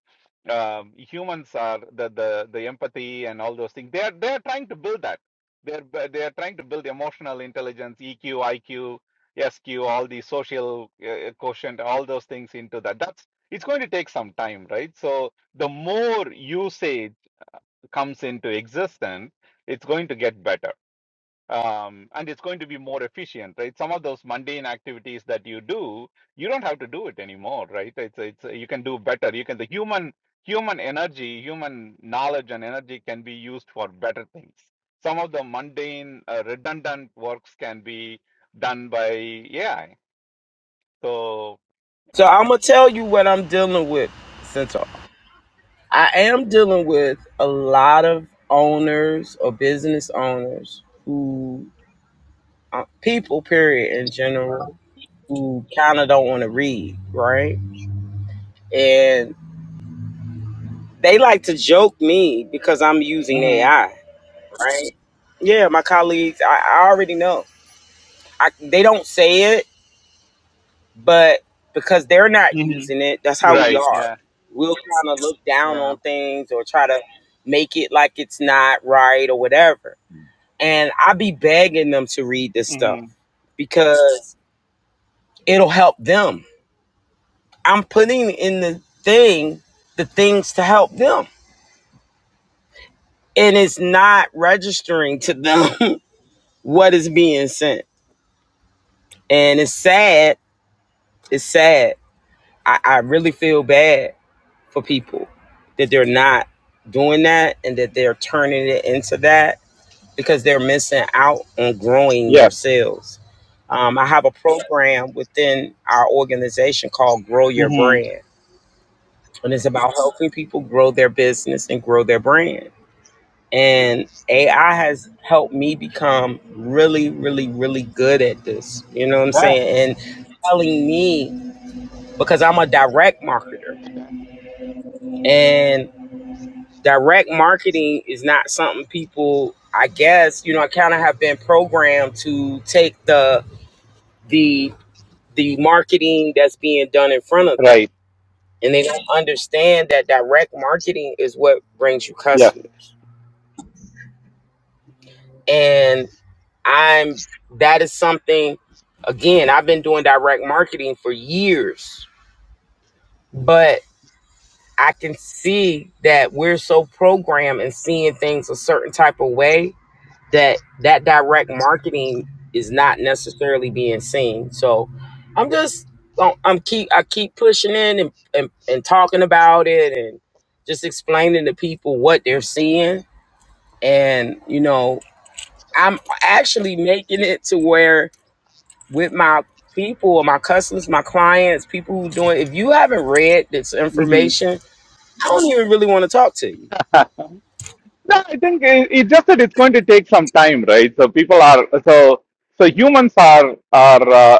Um, humans are the the the empathy and all those things. They are they are trying to build that. They're bu- they are trying to build emotional intelligence, EQ, IQ, SQ, all the social uh, quotient, all those things into that. That's it's going to take some time, right? So the more usage comes into existence, it's going to get better. Um, and it's going to be more efficient, right? Some of those mundane activities that you do, you don't have to do it anymore, right? It's it's you can do better. You can the human human energy, human knowledge and energy can be used for better things. Some of the mundane, uh, redundant works can be done by AI. So
So I'm gonna tell you what I'm dealing with, Centaur. I am dealing with a lot of owners or business owners who, uh, people, period, in general, who kind of don't want to read, right? And they like to joke me because I'm using
hmm
AI, right? Yeah, my colleagues, I, I already know. I, they don't say it, but because they're not
hmm
using it, that's how we
right,
are.
yeah,
We'll kind of look down
yeah,
on things or try to make it like it's not right or whatever And I be begging them to read this
hmm
stuff because it'll help them. I'm putting in the thing the things to help them. And it's not registering to them what is being sent. And it's sad. It's sad. I, I really feel bad for people that they're not doing that and that they're turning it into that because they're missing out on growing their
yes,
sales. Um, I have a program within our organization called Grow Your
hmm
Brand, and it's about helping people grow their business and grow their brand. And AI has helped me become really, really, really good at this. You know what I'm
Yeah.
saying? And telling me because I'm a direct marketer,
okay,
and direct marketing is not something people, I guess, you know, I kind of have been programmed to take the the the marketing that's being done in front of them
right,
and they don't understand that direct marketing is what brings you customers and i'm that is something again i've been doing direct marketing for years but i can see that we're so programmed and seeing things a certain type of way that that direct marketing is not necessarily being seen. So I'm just I'm keep I keep pushing in and and, and talking about it and just explaining to people what they're seeing and you know I'm actually making it to where with my people or my customers, my clients, people who doing if you haven't read this
hmm
information, I don't even really want to talk to you
No, I think it, it's just that it's going to take some time, right? So people are so so humans are are uh,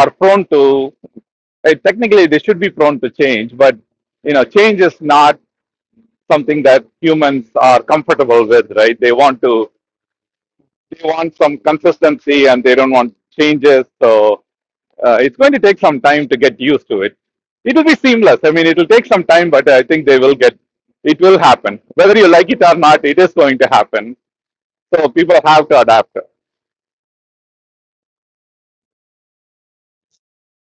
are prone to eh, technically they should be prone to change, but you know change is not something that humans are comfortable with, right? They want to they want some consistency and they don't want changes, so uh, it's going to take some time to get used to it. It'll be seamless. I mean, it'll take some time, but I think they will get. It will happen, whether you like it or not. It is going to happen So people have to adapt.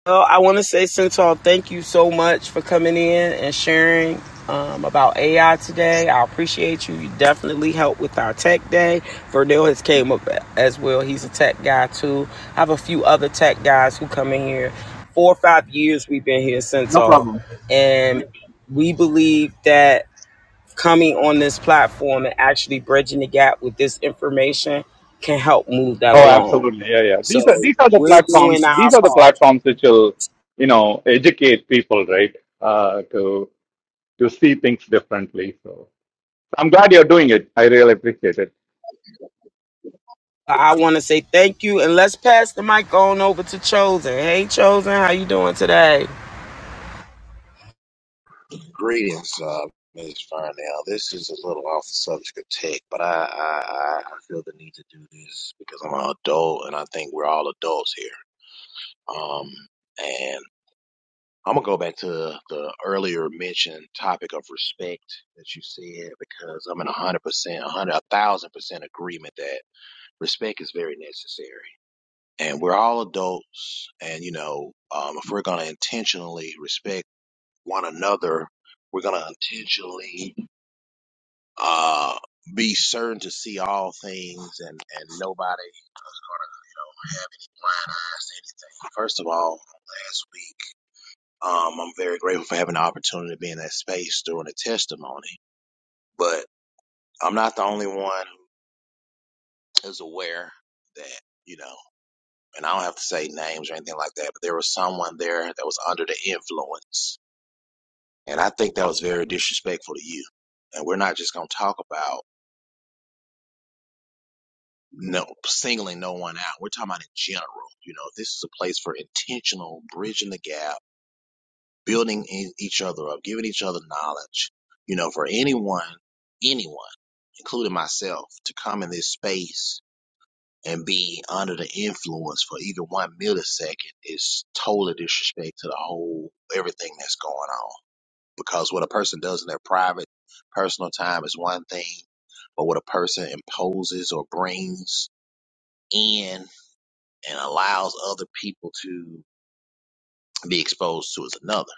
Well, I want to say, Centaur, thank you so much for coming in and sharing um, about AI today. I appreciate you. You definitely helped with our tech day. Verdell has came up as well. He's a tech guy too. I have a few other tech guys who come in here. Four or five years we've been here,
No
Centaur,
problem.
and we believe that coming on this platform and actually bridging the gap with this information can help move that
Oh,
along.
absolutely. Yeah, yeah. These are
So
these are the
we're
platforms.
doing our
These are the
part
platforms which will, you know, educate people, right? Uh, to to see things differently. So I'm glad you're doing it. I really appreciate it.
I want to say thank you, and let's pass the mic on over to Chosen. Hey, Chosen, how you doing today?
Greetings, uh, Ms. Farnell. This is a little off the subject of tech, but I, I, I I feel the need to do this because I'm an adult and I think we're all adults here. Um, and I'm going to go back to the earlier mentioned topic of respect that you said because I'm in 100%, a 100, a 1000% agreement that respect is very necessary. And we're all adults. And, you know, um, if we're going to intentionally respect one another, we're going to intentionally uh, be certain to see all things and, and nobody gonna, you know, have any blind eyes to anything. First of all, last week, um, I'm very grateful for having the opportunity to be in that space during the testimony, but I'm not the only one who's aware that, you know, and I don't have to say names or anything like that, but there was someone there that was under the influence. And I think that was very disrespectful to you. And we're not just going to talk about no singling no one out. We're talking about in general. You know, this is a place for intentional bridging the gap, building e- each other up, giving each other knowledge. You know, for anyone, anyone, including myself, to come in this space and be under the influence for even one millisecond is total disrespect to the whole everything that's going on. Because what a person does in their private, personal time is one thing, but what a person imposes or brings in and allows other people to be exposed to is another.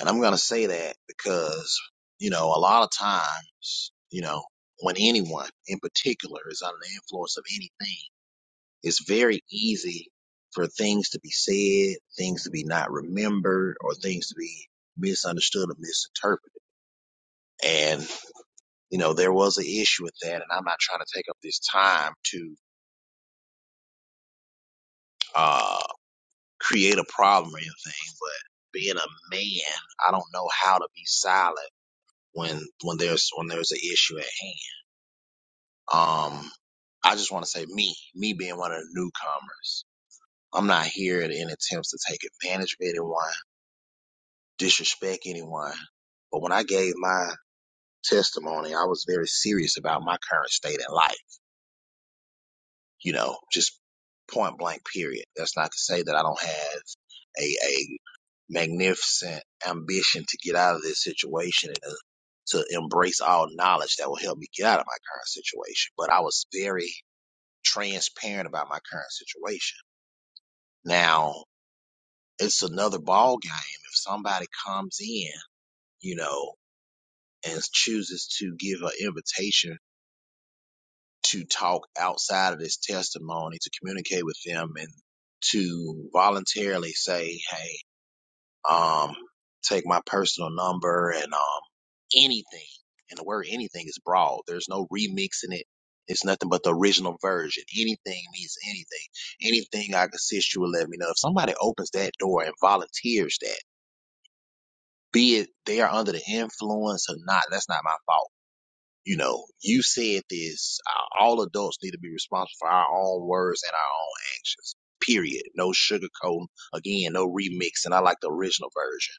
And I'm going to say that because, you know, a lot of times, you know, when anyone in particular is under the influence of anything, it's very easy for things to be said, things to be not remembered, or things to be misunderstood or misinterpreted. And, you know, there was an issue with that. And I'm not trying to take up this time to, uh create a problem or anything, but being a man, I don't know how to be silent when when there's when there's an issue at hand. Um, I just want to say me, me being one of the newcomers, I'm not here in attempts to take advantage of anyone, disrespect anyone. But when I gave my testimony, I was very serious about my current state in life. You know, just point blank period. That's not to say that I don't have a a magnificent ambition to get out of this situation and to, to embrace all knowledge that will help me get out of my current situation. But I was very transparent about my current situation. Now it's another ball game. If somebody comes in, you know, and chooses to give an invitation to talk outside of this testimony, to communicate with them and to voluntarily say, Hey, um, take my personal number and, um, anything. And the word anything is broad. There's no remixing it. It's nothing but the original version. Anything means anything. Anything I can assist you with, let me know. If somebody opens that door and volunteers that, be it they are under the influence or not, that's not my fault. You know, you said this. Uh, All adults need to be responsible for our own words and our own actions. Period. No sugarcoating. Again, no remixing. I like the original version.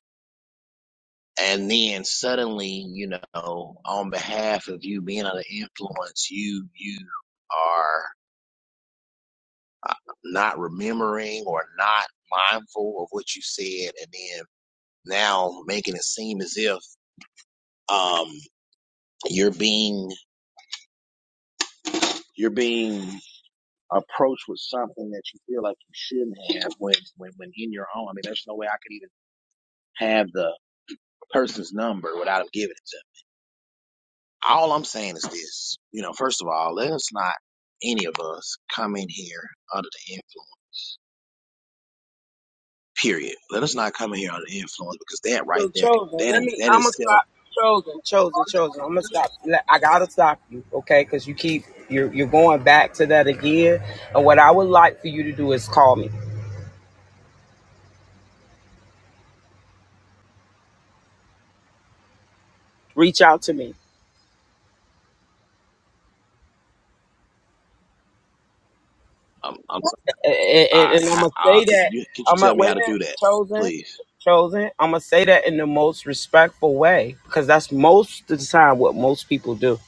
and then suddenly you know on behalf of you being under influence you you are uh, not remembering or not mindful of what you said and then now making it seem as if um you're being you're being approached with something that you feel like you shouldn't have when when when in your own i mean there's no way i could even have the person's number without him giving it to me all I'm saying is this. You know, first of all, let us not any of us come in here under the influence. Period. Let us not come in here under the influence because that right
So
there, can-
Chosen,
that
let
is
me.
that
I'm
is
gonna
self.
stop. Chosen, Chosen, Chosen. I'm gonna stop. let- I gotta stop you, okay? Because you keep you're you're going back to that again. And what I would like for you to do is call me, reach out to me,
Um, I'm so,
and,
I
and, and I'm
how,
gonna
uh,
say
could
that.
you could you
I'm gonna
tell me
wait
how
a
to
minute,
do that,
Chosen.
please?
Chosen, I'm gonna say that in the most respectful way because that's most of the time what most people do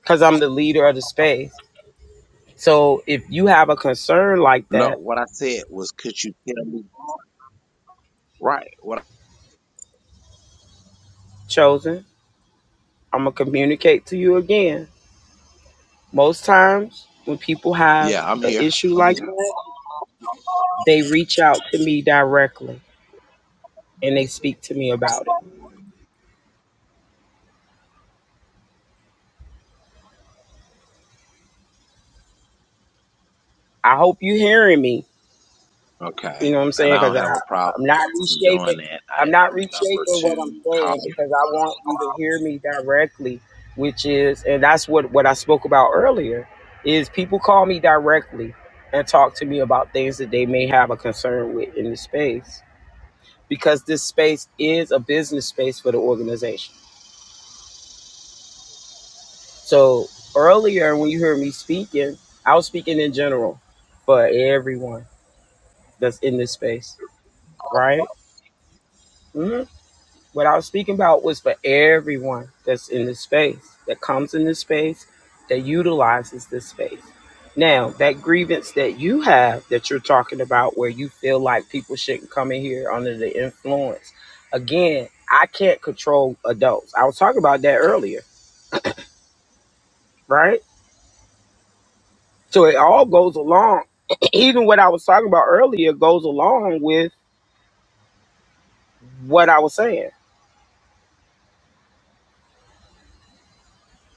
because I'm the leader of the space. So if you have a concern like
No,
that,
what I said was, could you tell me right? What? I,
chosen, I'm gonna communicate to you again. Most times when people have
yeah, I'm
an
here.
issue
I'm
like
here.
that, they reach out to me directly and they speak to me about it. I hope you're hearing me You
Okay,
know what I'm
and
saying?
I
Because
don't have a problem
I'm not
doing
reshaping.
that. I
I'm
didn't have
not
a number
reshaping what I'm
to call.
saying because I want you to hear me directly, which is, and that's what what I spoke about earlier. Is people call me directly and talk to me about things that they may have a concern with in the space because this space is a business space for the organization. So earlier when you heard me speaking, I was speaking in general for everyone that's in this space, right? Mm-hmm. What I was speaking about was for everyone that's in this space, that comes in this space, that utilizes this space. Now, that grievance that you have that you're talking about, where you feel like people shouldn't come in here under the influence, again, I can't control adults. I was talking about that earlier, right? So it all goes along, even what I was talking about earlier goes along with what I was saying.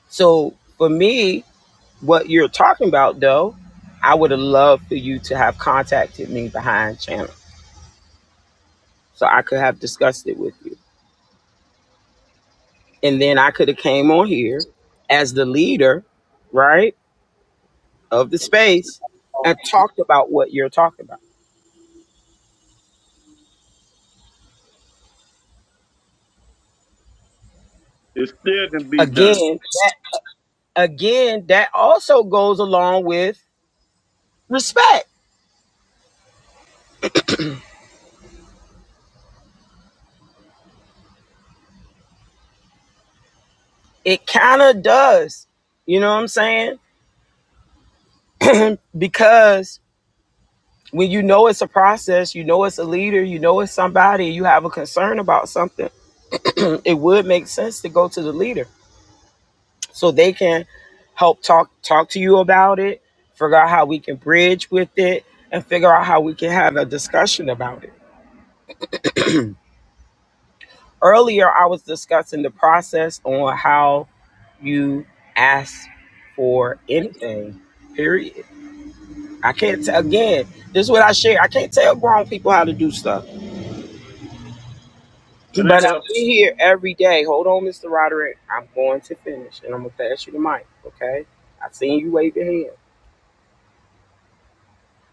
So for me, What you're talking about, though, I would have loved for you to have contacted me behind channel so I could have discussed it with you. And then I could have came on here as the leader, right, of the space and talked about what you're talking about.
It still can be done.
Again, that, again, that also goes along with respect. It kind of does. You know what I'm saying? Because when you know it's a process, you know it's a leader, you know it's somebody, you have a concern about something it would make sense to go to the leader so they can help talk talk to you about it figure out how we can bridge with it and figure out how we can have a discussion about it earlier i was discussing the process on how you ask for anything period i can't t- again this is what i share i can't tell grown people how to do stuff
Can I
but i'm
help?
in here every day hold on mr roderick i'm going to finish and i'm going to pass you the mic okay i seen you wave your hand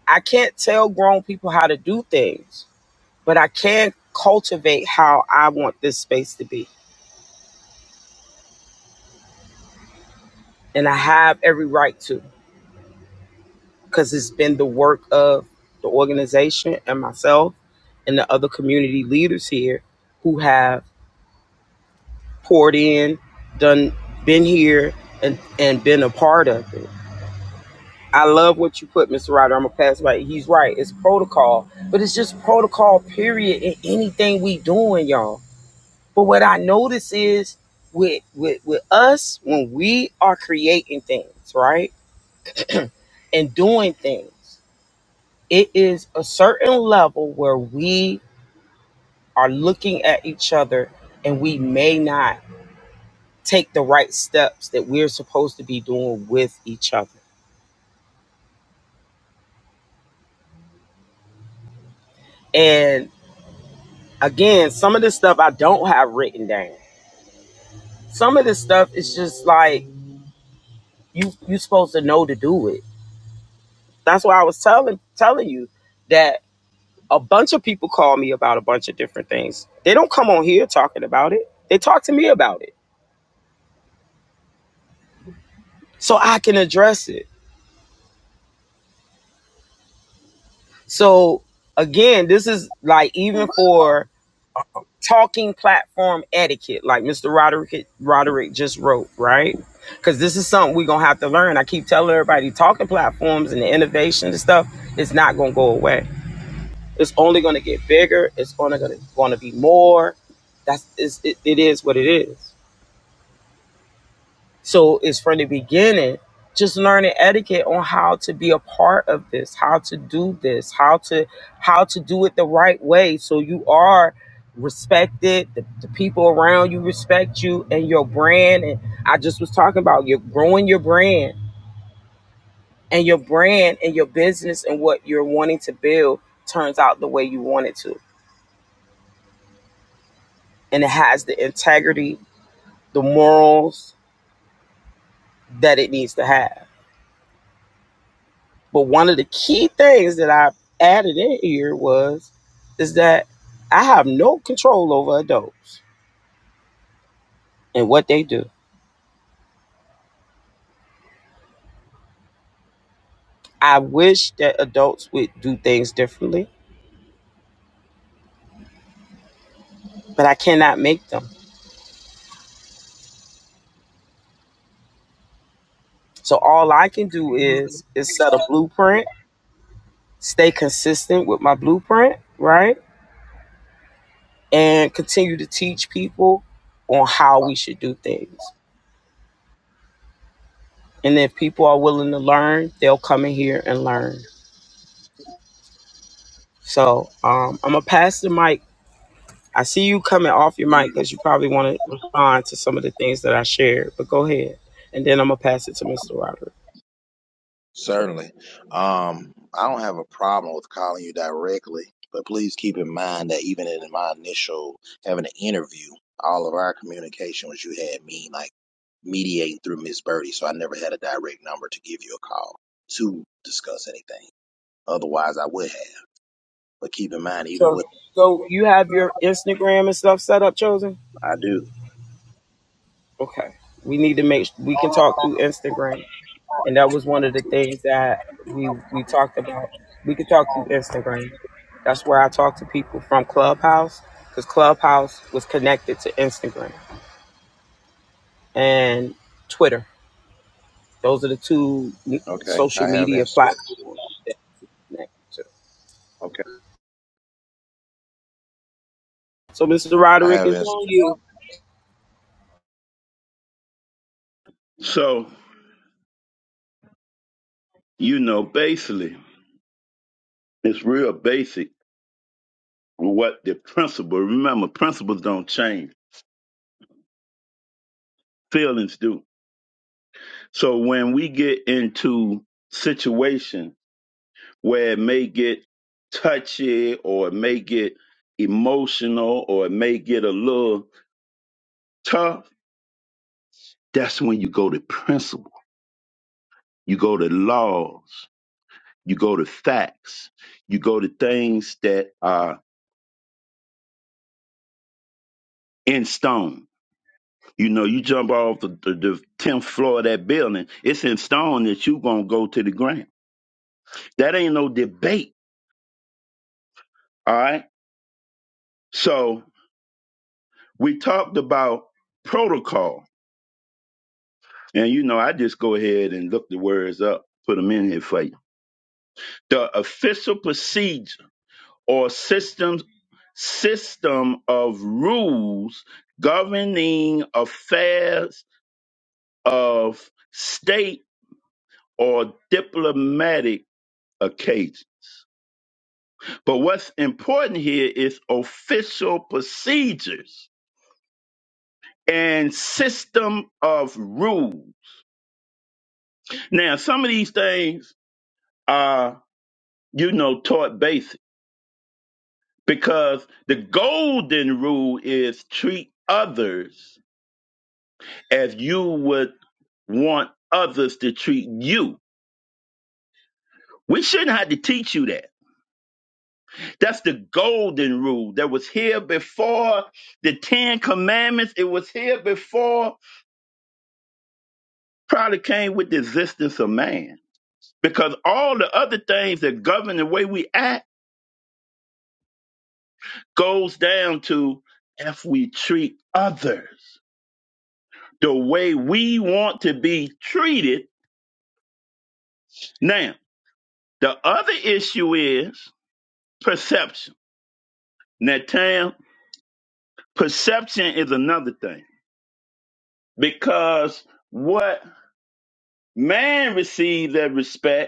I can't tell grown people how to do things, but I can cultivate how I want this space to be. And I have every right to because it's been the work of the organization and myself and the other community leaders here who have poured in, done, been here, and, and been a part of it. I love what you put, Mr. Ryder. I'm gonna pass by. He's right. It's protocol, but it's just protocol. Period. In anything we doing, y'all But what I notice is with with with us when we are creating things, right? and doing things, it is a certain level where we are looking at each other and we may not take the right steps that we're supposed to be doing with each other. And again, some of this stuff I don't have written down. Some of this stuff is just like you you supposed to know to do it. That's why I was telling telling you that a bunch of people call me about a bunch of different things. They don't come on here talking about it. They talk to me about it so I can address it. So again, this is like even for talking platform etiquette, like Mr. Roderick Roderick just wrote, right? Because this is something we're gonna have to learn. I keep telling everybody talking platforms and the innovation and stuff is not gonna go away. It's only gonna get bigger. It's only gonna gonna be more. That's it's, it, it is what it is. So it's from the beginning, just learning etiquette on how to be a part of this, how to do this, how to how to do it the right way. So you are respected, the, the people around you respect you and your brand. And I just was talking about you're growing your brand and your brand and your business and what you're wanting to build turns out the way you want it to. And it has the integrity, the morals that it needs to have. But one of the key things that I added in here was is that I have no control over adults and what they do. I wish that adults would do things differently, but I cannot make them. So all I can do is is set a blueprint, stay consistent with my blueprint, right? And continue to teach people on how we should do things. And if people are willing to learn, they'll come in here and learn. So um, I'm gonna pass the mic I see you coming off your mic because you probably want to respond to some of the things that I shared, but go ahead. And then I'm going to pass it to Mr. Roderick.
Certainly. Um, I don't have a problem with calling you directly, but please keep in mind that even in my initial having an interview, all of our communication was you had me like mediating through Miss Birdie, so I never had a direct number to give you a call to discuss anything. Otherwise, I would have. But keep in mind, even
So,
with
so you have your Instagram and stuff set up, Chosen?
I do.
Okay. We need to make, we can talk through Instagram. And that was one of the things that we, we talked about. We could talk through Instagram. That's where I talk to people from Clubhouse because Clubhouse was connected to Instagram and Twitter. Those are the two
Okay,
social
I have
media
answers.
platforms that
Okay,
So, Mr.
I
Roderick,
have
it's
answers.
on you.
So, you know, basically, it's real basic what the principle. Remember, principles don't change. Feelings do. So when we get into situation where it may get touchy or it may get emotional or it may get a little tough, that's when you go to principle. You go to laws you go to facts, you go to things that are in stone. You know, you jump off the, the, the 10th floor of that building, it's in stone that you going to go to the ground. That ain't no debate. All right. So we talked about protocol. And, you know, I just go ahead and look the words up, put them in here for you. The official procedure or systems system of rules governing affairs of state or diplomatic occasion. But what's important here is official procedures and system of rule. Now, some of these things are, you know, taught basic because the golden rule is treat others as you would want others to treat you. We shouldn't have to teach you that That's the golden rule that was here before the Ten Commandments. It was here before probably came with the existence of man. Because all the other things that govern the way we act goes down to if we treat others the way we want to be treated. Now, the other issue is perception. Now, Tam, perception is another thing because what man receives as respect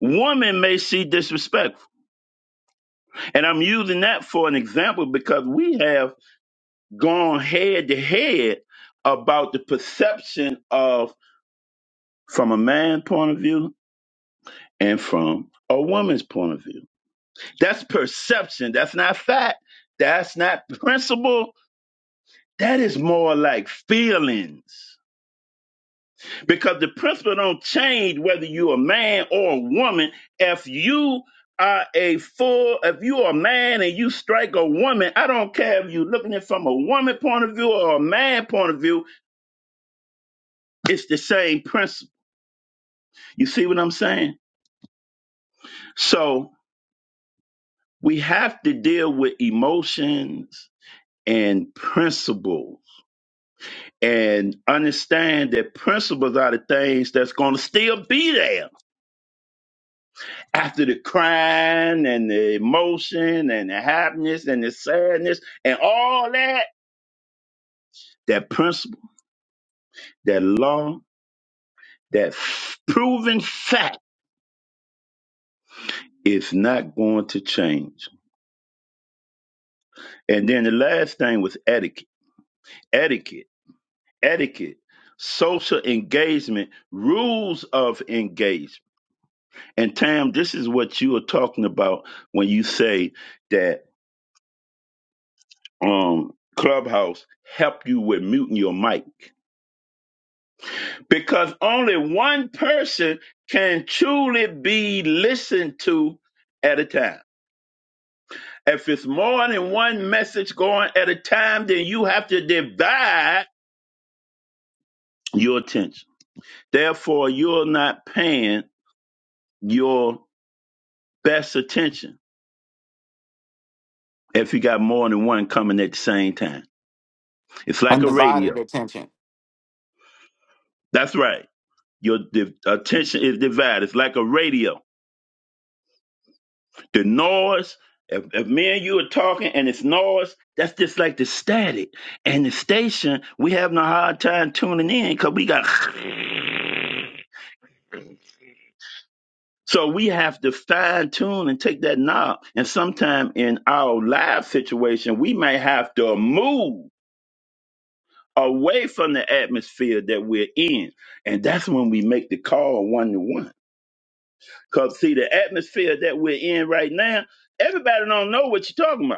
woman may see disrespect. And I'm using that for an example because we have gone head to head about the perception of from a man's point of view and from a woman's point of view. That's perception. That's not fact. That's not principle. That is more like feelings. because the principle don't change whether you're a man or a woman. If you are a full, if you are a man and you strike a woman, I don't care if you're looking at it from a woman point of view or a man point of view, it's the same principle. You see what I'm saying? So we have to deal with emotions and principles and understand that principles are the things that's going to still be there after the crying and the emotion and the happiness and the sadness and all that, that principle, that law, that f- proven fact is not going to change. And then the last thing was etiquette. Etiquette. Etiquette. Social engagement, rules of engagement. And Tam, this is what you are talking about when you say that um Clubhouse help you with muting your mic because only one person can truly be listened to at a time. If it's more than one message going at a time, then you have to divide your attention. Therefore, you're not paying your best attention if you got more than one coming at the same time. It's like a
Undivided
radio.
attention.
That's right. Your di- attention is divided. It's like a radio. The noise, if, if me and you are talking and it's noise, that's just like the static. And the station, we having a hard time tuning in because we got. So we have to fine tune and take that knob. And sometime in our live situation, we may have to move away from the atmosphere that we're in. And that's when we make the call one to one. Cause see the atmosphere that we're in right now, everybody don't know what you're talking about.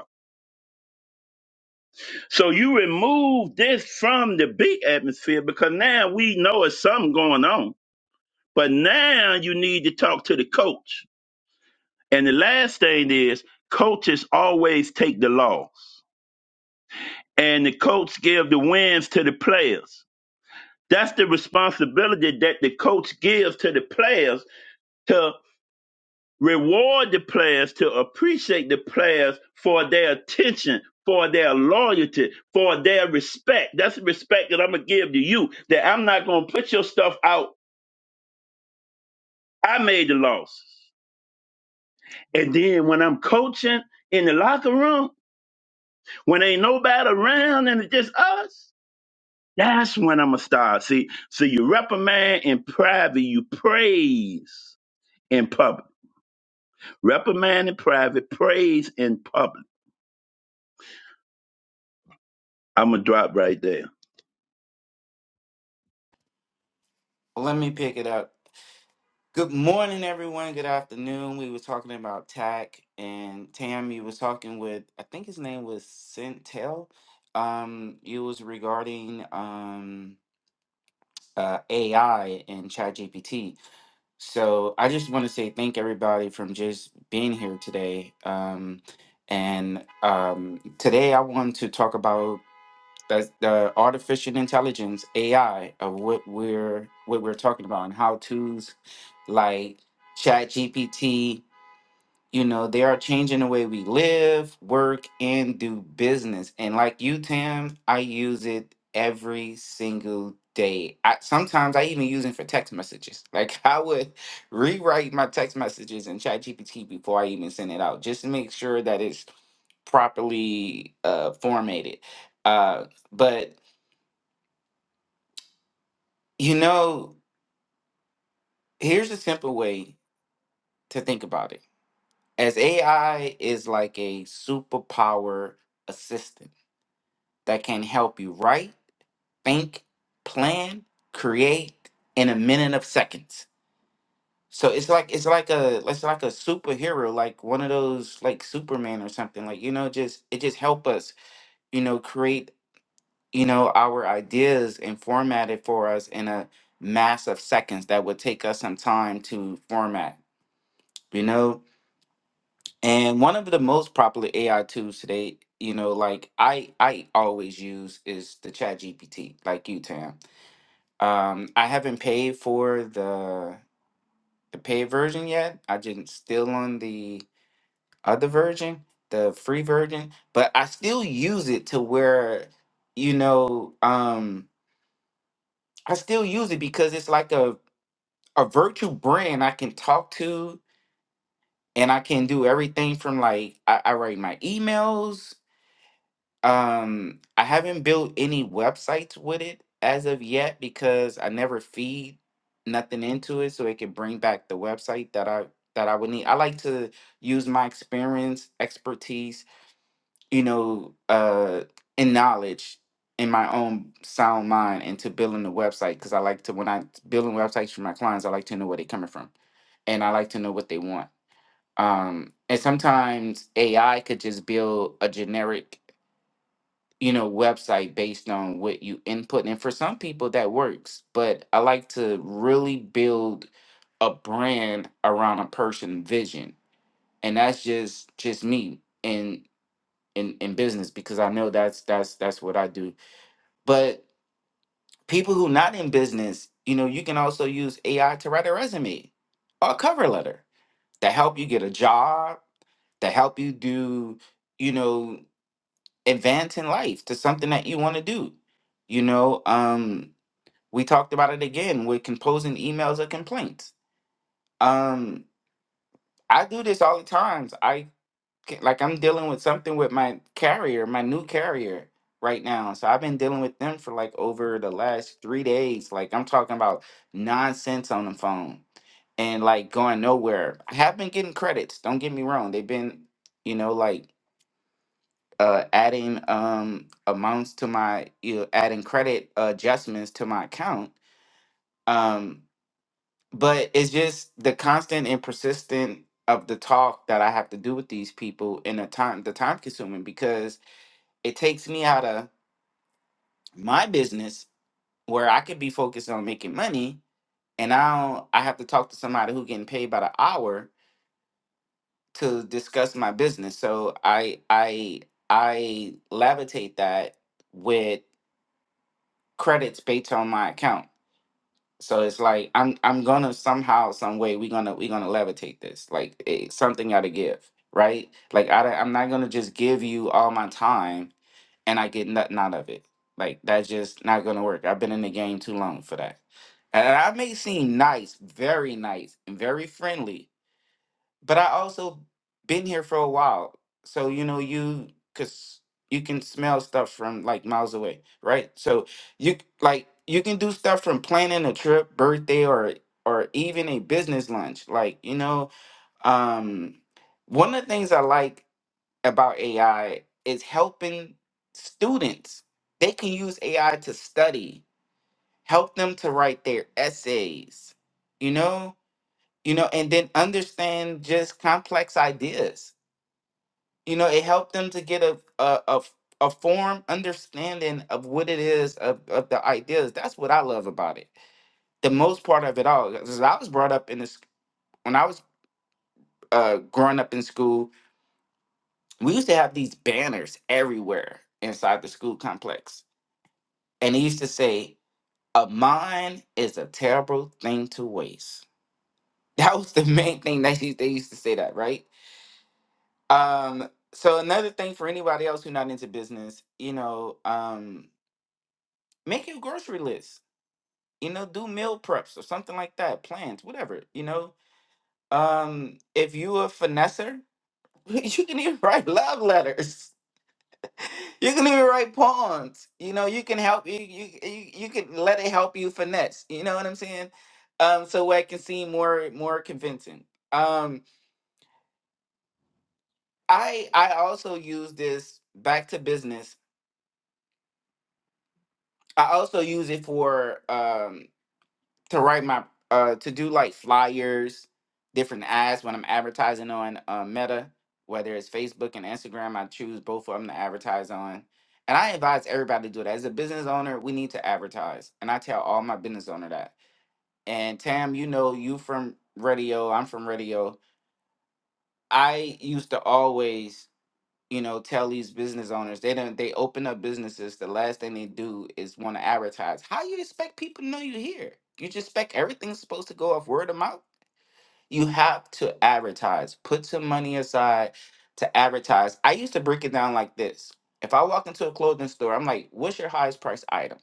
So you remove this from the big atmosphere because now we know it's something going on. But now you need to talk to the coach. And the last thing is coaches always take the loss. And the coach give the wins to the players. That's the responsibility that the coach gives to the players reward the players to appreciate the players for their attention, for their loyalty, for their respect. That's the respect that I'm gonna give to you. That I'm not gonna put your stuff out. I made the losses. And then when I'm coaching in the locker room, when ain't nobody around and it's just us, that's when I'm gonna start. See, so you reprimand in private, you praise in public. Reprimand in private, praise in public. I'm gonna drop right there.
Let me pick it up. Good morning, everyone. Good afternoon. We were talking about tech and Tammy was talking with, I think his name was Centel. Um, it was regarding um, uh, AI and ChatGPT. So I just want to say thank everybody from just being here today. Um, and um, today I want to talk about That's the artificial intelligence AI of what we're what we're talking about and how to's like Chat GPT. You know, they are changing the way we live, work, and do business. And like you, Tam, I use it every single day. I, sometimes I even use it for text messages. Like I would rewrite my text messages in Chat GPT before I even send it out, just to make sure that it's properly uh, formatted. Uh, but You know, here's a simple way to think about it. As AI is like a superpower assistant that can help you write, think, plan, create in a minute of seconds. So it's like it's like a it's like a superhero, like one of those like Superman or something. Like, you know, just it just help us, you know, create, you know, our ideas and format it for us in a mass of seconds that would take us some time to format. You know, And one of the most popular AI tools today, you know, like I I always use is the Chat GPT, like you, Tam. Um, I haven't paid for the the paid version yet. I just still on the other version, the free version, but I still use it to where, you know, um, I still use it because it's like a a virtual brand I can talk to and I can do everything from like I, I write my emails Um, I haven't built any websites with it as of yet because I never feed nothing into it so it can bring back the website that I that I would need. I like to use my experience, expertise, you know, uh and knowledge in my own sound mind into building a website because I like to when I building websites for my clients, I like to know where they're coming from and I like to know what they want. Um and sometimes AI could just build a generic you know, website based on what you input. And for some people that works, but I like to really build a brand around a person vision. And that's just just me in in in business because I know that's that's that's what I do. But people who not in business, you know, you can also use AI to write a resume or a cover letter to help you get a job, to help you do, you know, advance in life to something that you want to do. You know, um, we talked about it again with composing emails or complaints. Um, I do this all the times. I ca- like I'm dealing with something with my carrier, my new carrier right now. So I've been dealing with them for like over the last three days. Like I'm talking about nonsense on the phone and like going nowhere. I have been getting credits. Don't get me wrong. They've been, you know, like uh, adding um, amounts to my you know, adding credit adjustments to my account. Um, but it's just the constant and persistent of the talk that I have to do with these people and the time the time consuming because it takes me out of my business where I could be focused on making money and now I have to talk to somebody who getting paid by the hour to discuss my business. So I I I levitate that with credits based on my account. So it's like I'm I'm gonna somehow, some way, we gonna we gonna levitate this. Like it, something gotta give, right? Like I don't- I'm not gonna just give you all my time and I get nothing out of it. Like that's just not gonna work. I've been in the game too long for that. And I may seem nice, very nice, and very friendly, but I also been here for a while, so you know you cause you can smell stuff from like miles away, right? So you c- like you can do stuff from planning a trip, birthday, or or even a business lunch. Like you know, um, one of the things I like about AI is helping students. They can use AI to study, help them to write their essays. You know, you know, and then understand just complex ideas. You know, it helped them to get a a a, f- a form understanding of what it is of, of the ideas. That's what I love about it. The most part of it all, because I was brought up in this when I was uh, growing up in school, we used to have these banners everywhere inside the school complex, and it used to say, "A mind is a terrible thing to waste." That was the main thing that they used they used to say that, right? Um, so another thing for anybody else who's not into business, you know, um, make your grocery list. You know, do meal preps or something like that, plans, whatever. You know, um, if you a finesser, you can even write love letters. You can even write poems. You know, you can help you you you, you can let it help you finesse. You know what I'm saying? Um, so where it can seem more more convincing. Um, I I also use this back to business I also use it for um to write my uh to do like flyers, different ads when I'm advertising on uh, Meta, whether it's Facebook and Instagram. I choose both of them to advertise on, and I advise everybody to do that. As a business owner, we need to advertise, and I tell all my business owner that. And Tam, you know, you from radio, I'm from radio. I used to always you know, tell these business owners they don't they open up businesses. The last thing they do is want to advertise. How you expect people to know you're here? You just expect everything's supposed to go off word of mouth. You have to advertise. Put some money aside to advertise. I used to break it down like this. If I walk into a clothing store, I'm like, "What's your highest price item?"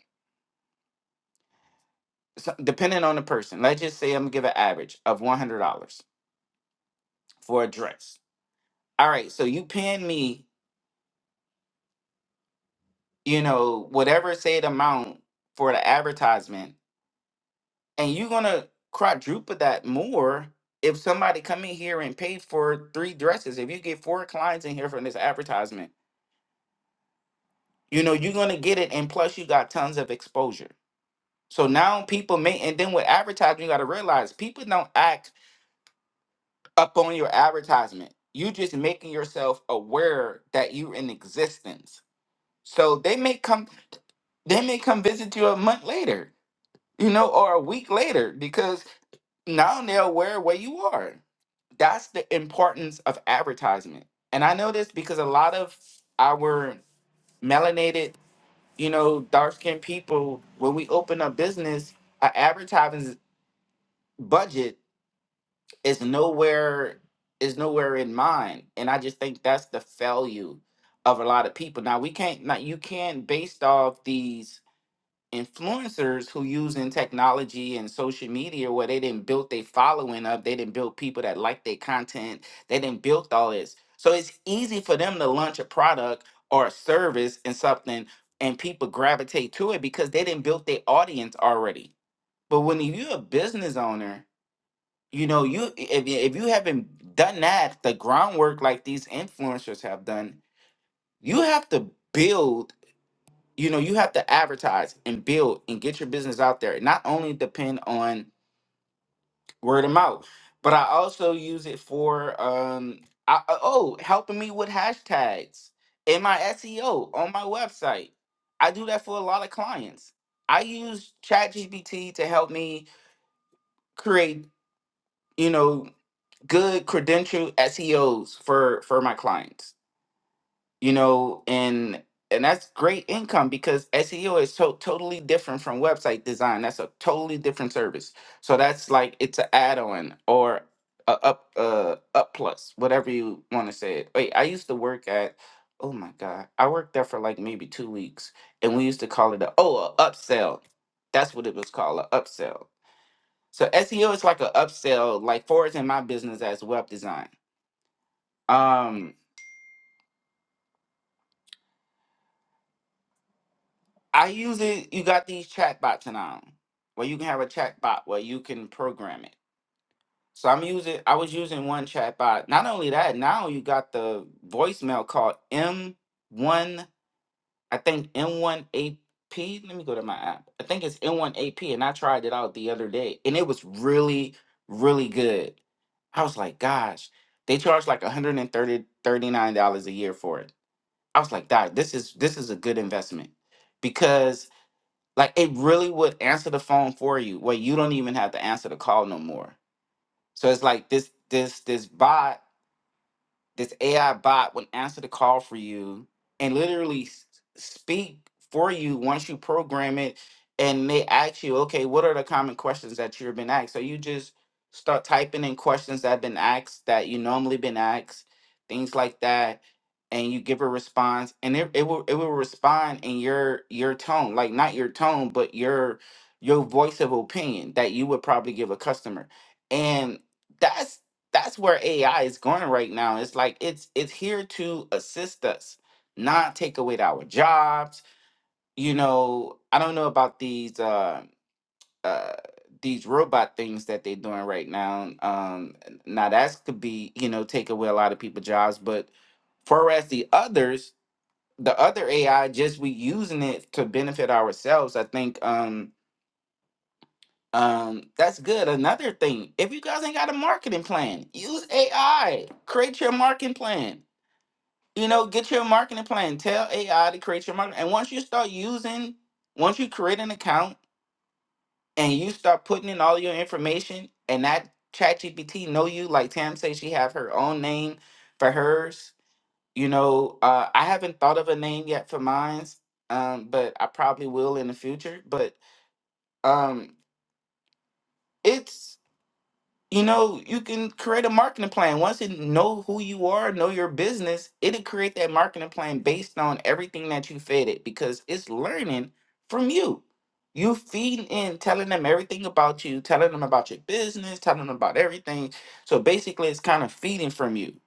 So, depending on the person, let's just say I'm gonna give an average of one hundred dollars for a dress. All right, so you paying me, you know, whatever said amount for the advertisement and you're gonna quadruple that more if somebody come in here and pay for three dresses if you get four clients in here from this advertisement you know you're gonna get it and plus you got tons of exposure so now people may and then with advertising you gotta realize people don't act up on your advertisement you just making yourself aware that you're in existence so they may come they may come visit you a month later you know or a week later because. Now they're aware where you are. That's the importance of advertisement. And I know this because a lot of our melanated, you know, dark skinned people, when we open up business, our advertising budget is nowhere is nowhere in mind. And I just think that's the failure of a lot of people. Now we can't not you can't based off these influencers who using technology and social media where they didn't build their following up, they didn't build people that like their content, they didn't build all this. So it's easy for them to launch a product or a service and something and people gravitate to it because they didn't build their audience already. But when you're a business owner, you know, you if, you- if you haven't done that, the groundwork like these influencers have done, you have to build you know you have to advertise and build and get your business out there not only depend on word of mouth but i also use it for um I, I- oh helping me with hashtags in my seo on my website i do that for a lot of clients i use chatgpt to help me create you know good credential seos for for my clients you know and and that's great income because seo is so totally different from website design that's a totally different service so that's like it's an add-on or a up uh up plus whatever you want to say it wait i used to work at oh my god i worked there for like maybe two weeks and we used to call it a oh a upsell that's what it was called a upsell so seo is like a upsell like for in my business as web design um I use it. You got these chat bots now, where you can have a chat bot where you can program it. So I'm using. I was using one chat bot. Not only that, now you got the voicemail called M1. I think M1AP. Let me go to my app. I think it's M1AP, and I tried it out the other day, and it was really, really good. I was like, gosh, they charge like 130 dollars a year for it. I was like, Doc, this is this is a good investment because like it really would answer the phone for you, where you don't even have to answer the call no more. So it's like this this this bot this AI bot would answer the call for you and literally s- speak for you once you program it. And they ask you, okay, what are the common questions that you've been asked? So you just start typing in questions that have been asked that you normally been asked, things like that, and you give a response, and it, it will it will respond in your your tone, like not your tone, but your your voice of opinion that you would probably give a customer, and that's that's where AI is going right now. It's like it's it's here to assist us, not take away our jobs. You know, I don't know about these uh, uh, these robot things that they're doing right now. Um, now that's could be you know take away a lot of people's jobs, but for as the others, the other AI, just we using it to benefit ourselves. I think um, um, that's good. Another thing, if you guys ain't got a marketing plan, use AI. Create your marketing plan. You know, get your marketing plan. Tell AI to create your marketing. And once you start using, once you create an account and you start putting in all your information and that ChatGPT know you, like Tam says she have her own name for hers. You know, uh, I haven't thought of a name yet for mine's, um, but I probably will in the future. But um, it's you know, you can create a marketing plan. Once you know who you are, know your business, it'll create that marketing plan based on everything that you fed it because it's learning from you. You feeding in, telling them everything about you, telling them about your business, telling them about everything. So basically, it's kind of feeding from you.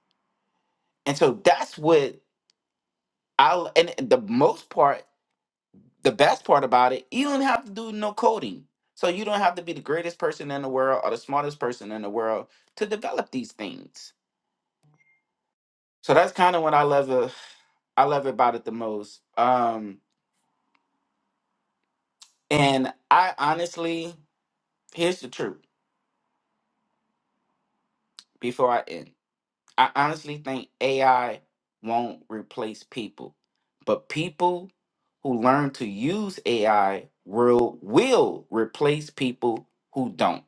And so that's what I, and the most part, the best part about it, you don't have to do no coding. So you don't have to be the greatest person in the world or the smartest person in the world to develop these things So that's kind of what I love it. I love about it the most. Um, and I honestly, here's the truth. Before I end, I honestly think AI won't replace people, but people who learn to use AI will will replace people who don't.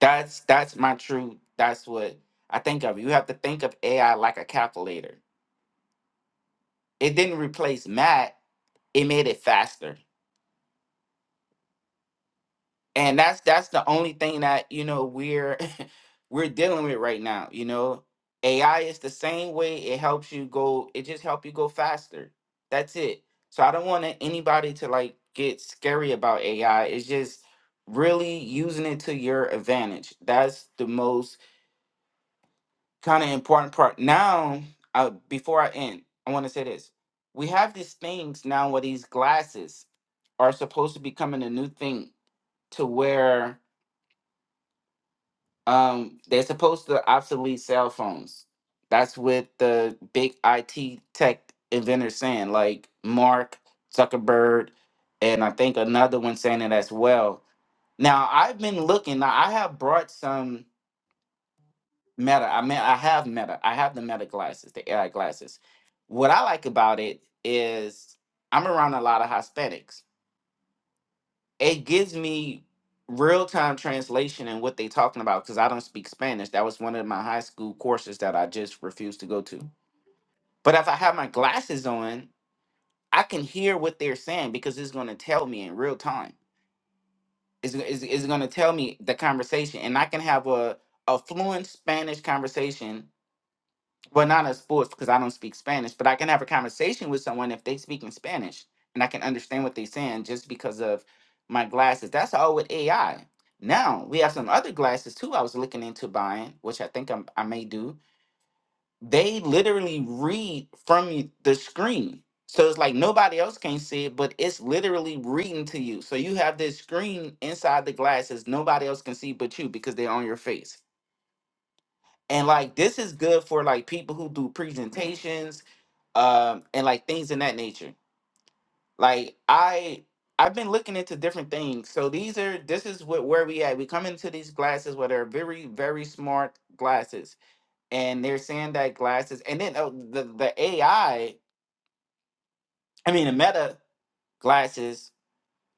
That's that's my truth. That's what I think of. You have to think of AI like a calculator. It didn't replace Matt. It made it faster and that's that's the only thing that you know we're we're dealing with right now you know ai is the same way it helps you go it just help you go faster that's it so i don't want a- anybody to like get scary about ai it's just really using it to your advantage that's the most kind of important part now uh, before i end i want to say this we have these things now where these glasses are supposed to be coming a new thing to where Um, they're supposed to obsolete cell phones. That's what the big IT tech inventors saying, like Mark Zuckerberg, and I think another one saying it as well. Now I've been looking. Now I have brought some Meta. I mean, I have Meta. I have the Meta glasses, the AI glasses. What I like about it is I'm around a lot of Hispanics, it gives me real time translation and what they talking about because I don't speak Spanish. That was one of my high school courses that I just refused to go to. But if I have my glasses on, I can hear what they're saying because it's going to tell me in real time. It's, it's, it's going to tell me the conversation, and I can have a, a fluent Spanish conversation well, not in sports because I don't speak Spanish, but I can have a conversation with someone if they speak in Spanish and I can understand what they're saying just because of my glasses. That's all with AI. Now we have some other glasses too. I was looking into buying, which I think I'm, I may do. They literally read from you the screen, so it's like nobody else can see it, but it's literally reading to you. So you have this screen inside the glasses, nobody else can see but you because they're on your face. And like this is good for like people who do presentations um, and like things in that nature. Like I I've been looking into different things. So these are this is what where we at. We come into these glasses where they're very very smart glasses, and they're saying that glasses, and then oh, the the AI. I I mean the Meta glasses.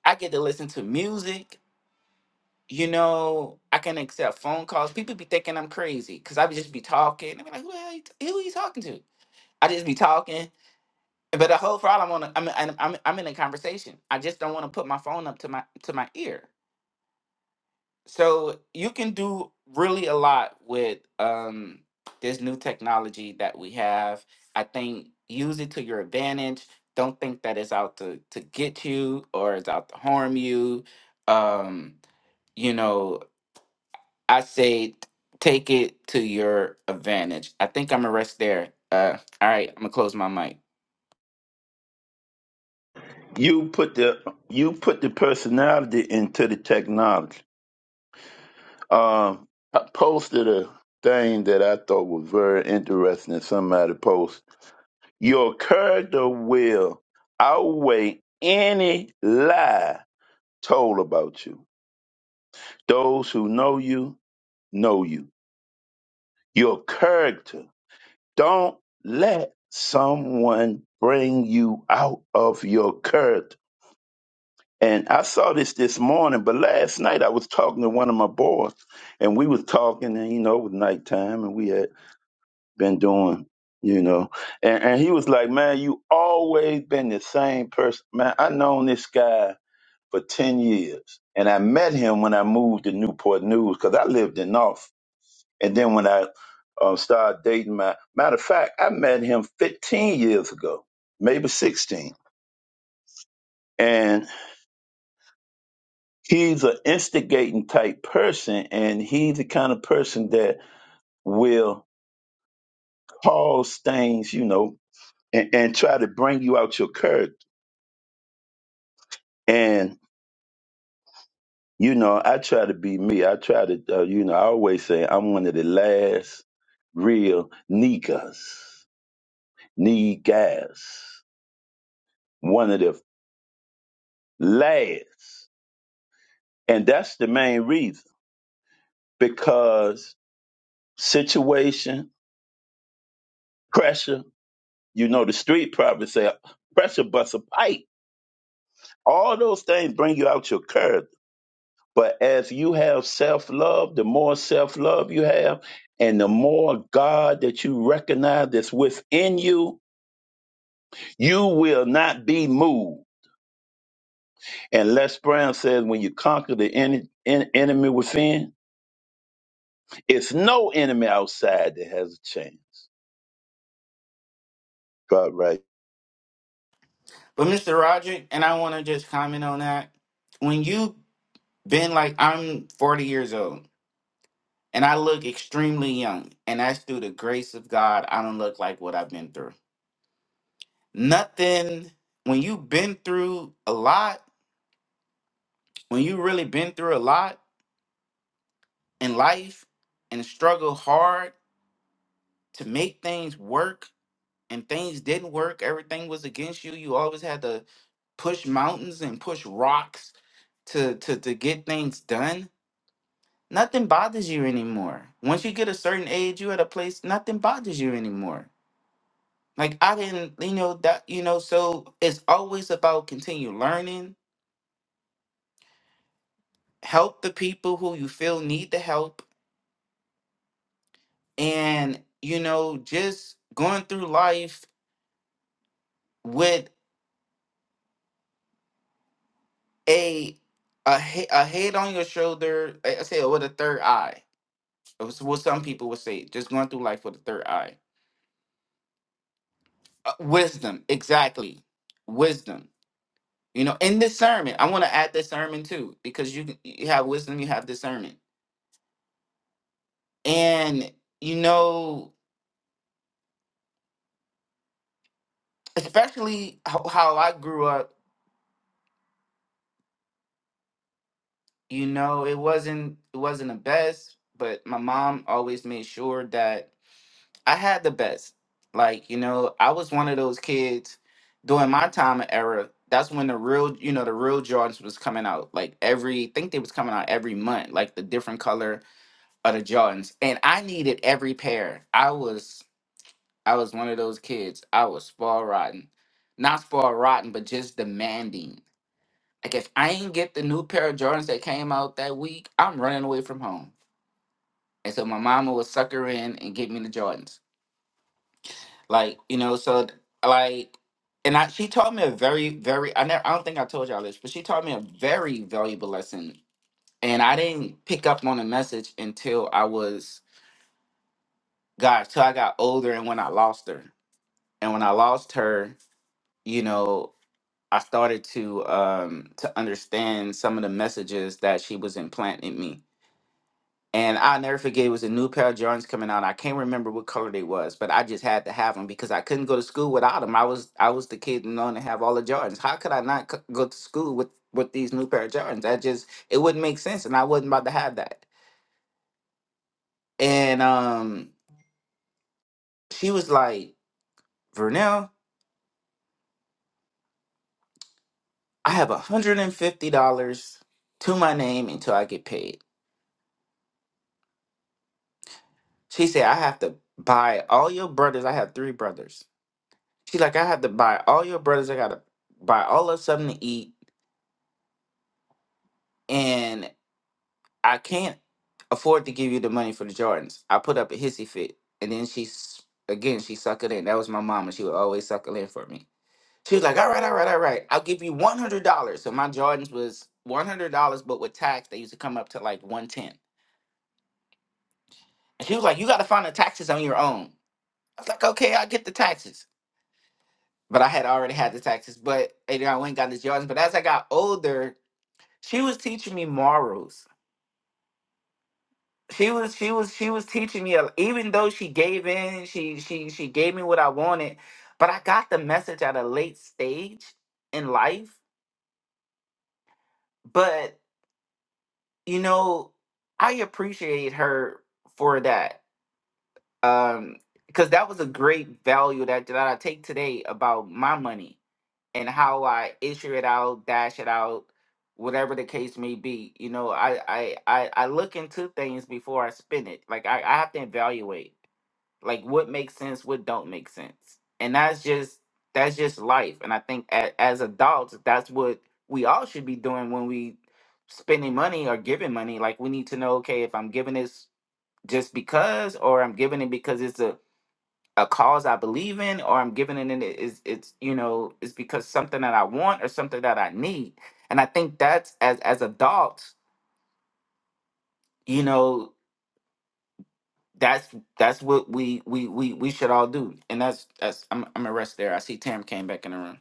I get to listen to music. You know, I can accept phone calls. People be thinking I'm crazy because I would just be talking. I mean, like, who the hell you t- who you talking to? I just be talking But the whole problem on the- I'm I'm I'm I'm in a conversation. I just don't want to put my phone up to my to my ear. So you can do really a lot with um this new technology that we have. I think use it to your advantage. Don't think that it's out to to get you or it's out to harm you. Um, you know, I say t- take it to your advantage. I think I'm gonna rest there. Uh, all right, I'm gonna close my mic.
You put the you put the personality into the technology. Um, I posted a thing that I thought was very interesting. Somebody posted, "Your character will outweigh any lie told about you. Those who know you know you. Your character. Don't let someone bring you out of your character." And I saw this this morning, but last night I was talking to one of my boys, and we was talking, and you know, it was nighttime, and we had been doing, you know, and, and he was like, "Man, you always been the same person, man. I known this guy for ten years, and I met him when I moved to Newport News because I lived in North, and then when I um, started dating my matter of fact, I met him fifteen years ago, maybe sixteen, and. he's an instigating type person and he's the kind of person that will cause things you know and, and try to bring you out your character and you know i try to be me i try to uh, you know i always say i'm one of the last real niggas niggas one of the last and that's the main reason because situation pressure you know the street probably say pressure busts a pipe All those things bring you out your curve. But as you have self love, the more self love you have, and the more God that you recognize that's within you, you will not be moved. And Les Brown says, when you conquer the en- en- enemy within, it's no enemy outside that has a chance. God, right.
But Mr. Roderick, and I want to just comment on that. When you've been like, I'm 40 years old and I look extremely young, and that's through the grace of God, I don't look like what I've been through. Nothing, when you've been through a lot, when you really been through a lot in life and struggle hard to make things work and things didn't work, everything was against you, you always had to push mountains and push rocks to, to, to get things done nothing bothers you anymore. Once you get a certain age, you at a place, nothing bothers you anymore. Like I didn't, you know, that you know, so it's always about continue learning, help the people who you feel need the help, and you know, just going through life with a a, he- a head on your shoulder, I I say with a third eye. It's what some people would say, just going through life with a third eye. Uh, wisdom, exactly. Wisdom You know, in this sermon, I want to add this sermon too, because you you have wisdom, you have discernment, and you know, especially how, how I grew up. You know, it wasn't it wasn't the best, but my mom always made sure that I had the best. Like you know, I was one of those kids during my time and era. That's when the real, you know, the real Jordans was coming out. Like every, I think they was coming out every month, like the different color of the Jordans, and I needed every pair. I was I was one of those kids. I was spoiled rotten. Not spoiled rotten, but just demanding. Like if I ain't get the new pair of Jordans that came out that week, I'm running away from home. And so my mama would suck her in and get me the Jordans. Like, you know, so like and I, she taught me a very, very I never I don't think I told y'all this, but she taught me a very valuable lesson. And I didn't pick up on the message until I was gosh, till I got older and when I lost her. And when I lost her, you know I started to um to understand some of the messages that she was implanting in me. And i never forget it was a new pair of Jordans coming out. I can't remember what color they was, but I just had to have them because I couldn't go to school without them. I was I was the kid known to have all the Jordans. How could I not c- go to school with with these new pair of Jordans? That just it wouldn't make sense, and I wasn't about to have that. And um, she was like, "Vernell, I have one hundred and fifty dollars to my name until I get paid." She said, I have to buy all your brothers. I have three brothers. She like, I have to buy all your brothers. I gotta buy all of something to eat. And I can't afford to give you the money for the Jordans. I put up a hissy fit. And then she s- again, she suckered in. That was my mom, and she would always suckle in for me. She was like, All right, all right, all right. I'll give you one hundred dollars. So my Jordans was one hundred dollars, but with tax, they used to come up to like one ten. And she was like, You gotta find the taxes on your own. I was like, Okay, I'll get the taxes. but I had already had the taxes. But and I went and got this yardage. But as I got older, she was teaching me morals. She was she was she was teaching me. a- Even though she gave in, she she she gave me what I wanted. But I got the message at a late stage in life. But you know, I appreciate her for that. Um, because that was a great value that that I take today about my money and how I issue it out, dash it out, whatever the case may be. You know, I I I, I look into things before I spin it. Like I, I have to evaluate like what makes sense, what don't make sense. And that's just that's just life. And I think as, as adults, that's what we all should be doing when we spending money or giving money. Like we need to know, okay, if I'm giving this just because or I'm giving it because it's a a cause I believe in or I'm giving it in it is it's you know it's because something that I want or something that I need. And I think that's as as adults, you know, that's that's what we we we we should all do. And that's that's I'm I'm gonna rest there. I see Tam came back in the room.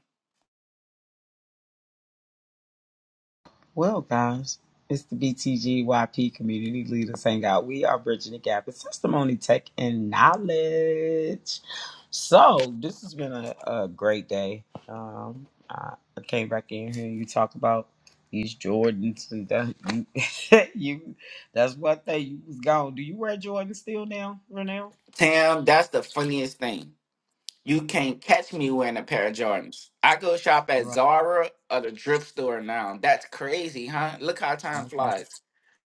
Well, guys, it's the BTGYP Community Leaders Hangout. We are bridging the gap in testimony, tech, and knowledge. So, this has been a, a great day. Um, I, I came back in here and you talk about these Jordans and that. You, you that's one thing you was gone. Do you wear Jordans still now, Renell?
Tam, that's the funniest thing. You can't catch me wearing a pair of Jordans. I go shop at
Right.
Zara or the thrift store now. That's crazy, huh? Look how time
okay.
flies.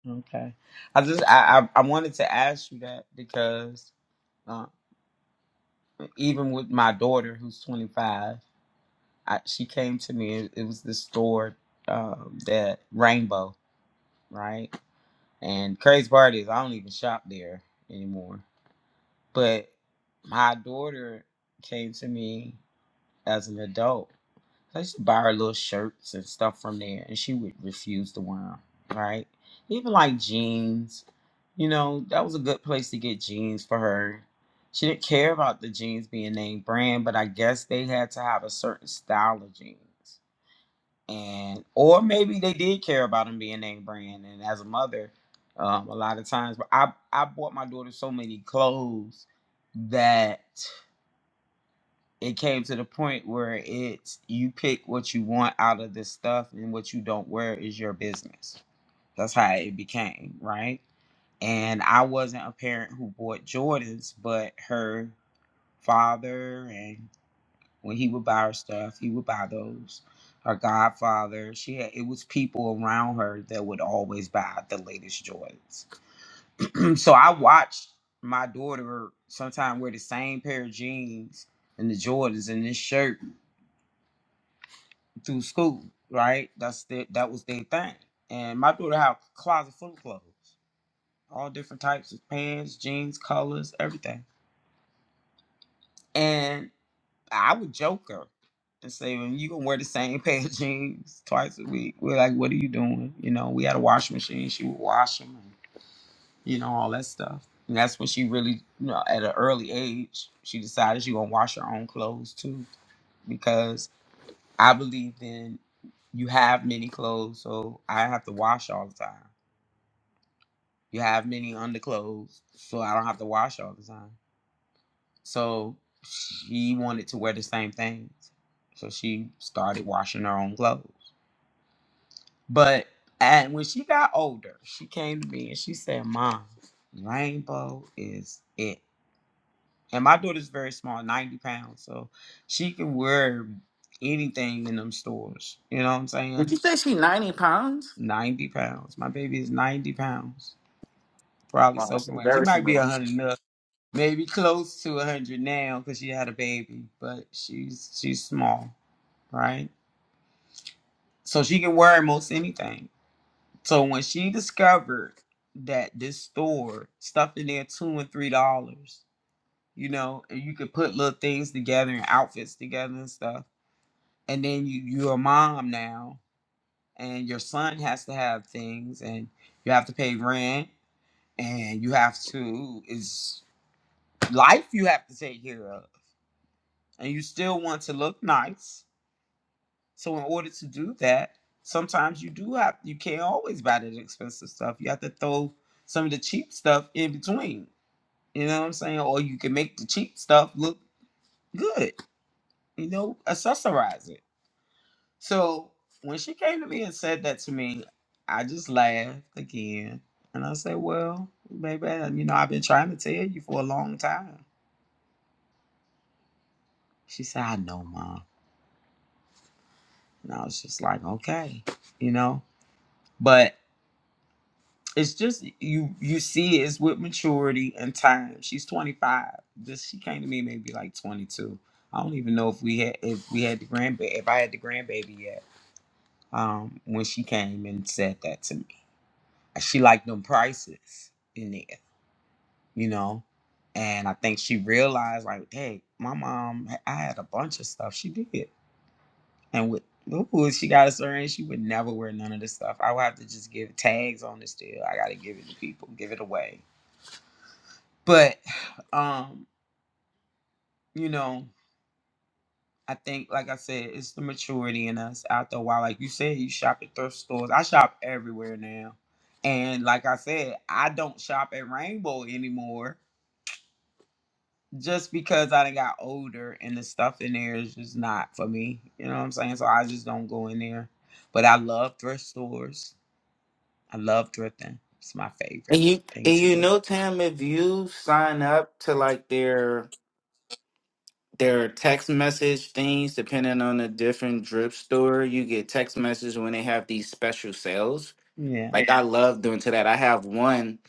Okay. I just I I, I wanted to ask you that because uh, even with my daughter who's 25 I, she came to me it, it was this store um, that rainbow right and crazy part is i don't even shop there anymore but my daughter came to me as an adult So I used to buy her little shirts and stuff from there, and she would refuse to wear them, right? Even like jeans, you know, that was a good place to get jeans for her. She didn't care about the jeans being name brand, but I guess they had to have a certain style of jeans. And, or maybe they did care about them being name brand. And as a mother, um, a lot of times, but I, I bought my daughter so many clothes that it came to the point where it's you pick what you want out of this stuff and what you don't wear is your business. That's how it became, right? And I wasn't a parent who bought Jordans, but her father and when he would buy her stuff, he would buy those. Her godfather, she had it was people around her that would always buy the latest Jordans. so I watched my daughter sometime wear the same pair of jeans and the Jordans and this shirt through school, right? That's their, that was their thing. And my daughter had a closet full of clothes, all different types of pants, jeans, colors, everything. And I would joke her and say, "Well, you gonna wear the same pair of jeans twice a week?" We're like, "What are you doing?" You know, we had a washing machine. She would wash them, and, you know, all that stuff. And that's when she really, you know, at an early age, she decided she gonna wash her own clothes too, because. I believed in you have many clothes, so I have to wash all the time. You have many underclothes, so I don't have to wash all the time. So she wanted to wear the same things. So she started washing her own clothes. But and when she got older, she came to me and she said, Mom, rainbow is it. And my daughter's very small, 90 pounds. So she can wear anything in them stores. You know what I'm saying?
Did you say she 90 pounds?
90 pounds. My baby is 90 pounds, probably
Wow, she's
soaking wet. She
very
might be
embarrassing.
100 now, maybe close to 100 now because she had a baby, but she's she's small, right? So she can wear most anything. So when she discovered that this store stuff in there two and three dollars, you know, and you could put little things together and outfits together and stuff, and then you you're a mom now, and your son has to have things, and you have to pay rent and you have to is life you have to take care of and you still want to look nice so in order to do that sometimes you do have you can't always buy that expensive stuff you have to throw some of the cheap stuff in between you know what i'm saying or you can make the cheap stuff look good you know accessorize it so when she came to me and said that to me i just laughed again and i said well baby you know i've been trying to tell you for a long time She said, I know, mom. And I was just like, okay, you know? But it's just you you see it's with maturity and time. She's 25. This she came to me maybe like 22. I don't even know if we had if we had the grandbaby if I had the grandbaby yet. Um, when she came and said that to me. She liked them prices in there, you know. And I think she realized like, hey, my mom I had a bunch of stuff. She did. And with ooh, she got a certain she would never wear none of this stuff. I would have to just give tags on this deal. I gotta give it to people, give it away. But um, you know, I think like I said, it's the maturity in us after a while. Like you said, you shop at thrift stores. I shop everywhere now. And like I said, I don't shop at Rainbow anymore just because I done got older and the stuff in there is just not for me. You know what I'm saying? So I just don't go in there. But I love thrift stores. I love thrifting. It's my favorite
And you
thing
and
to
you
do.
know, Tam, if you sign up to like their their text message things, depending on the different drip store, you get text messages when they have these special sales.
Yeah.
Like I love doing to that. I have one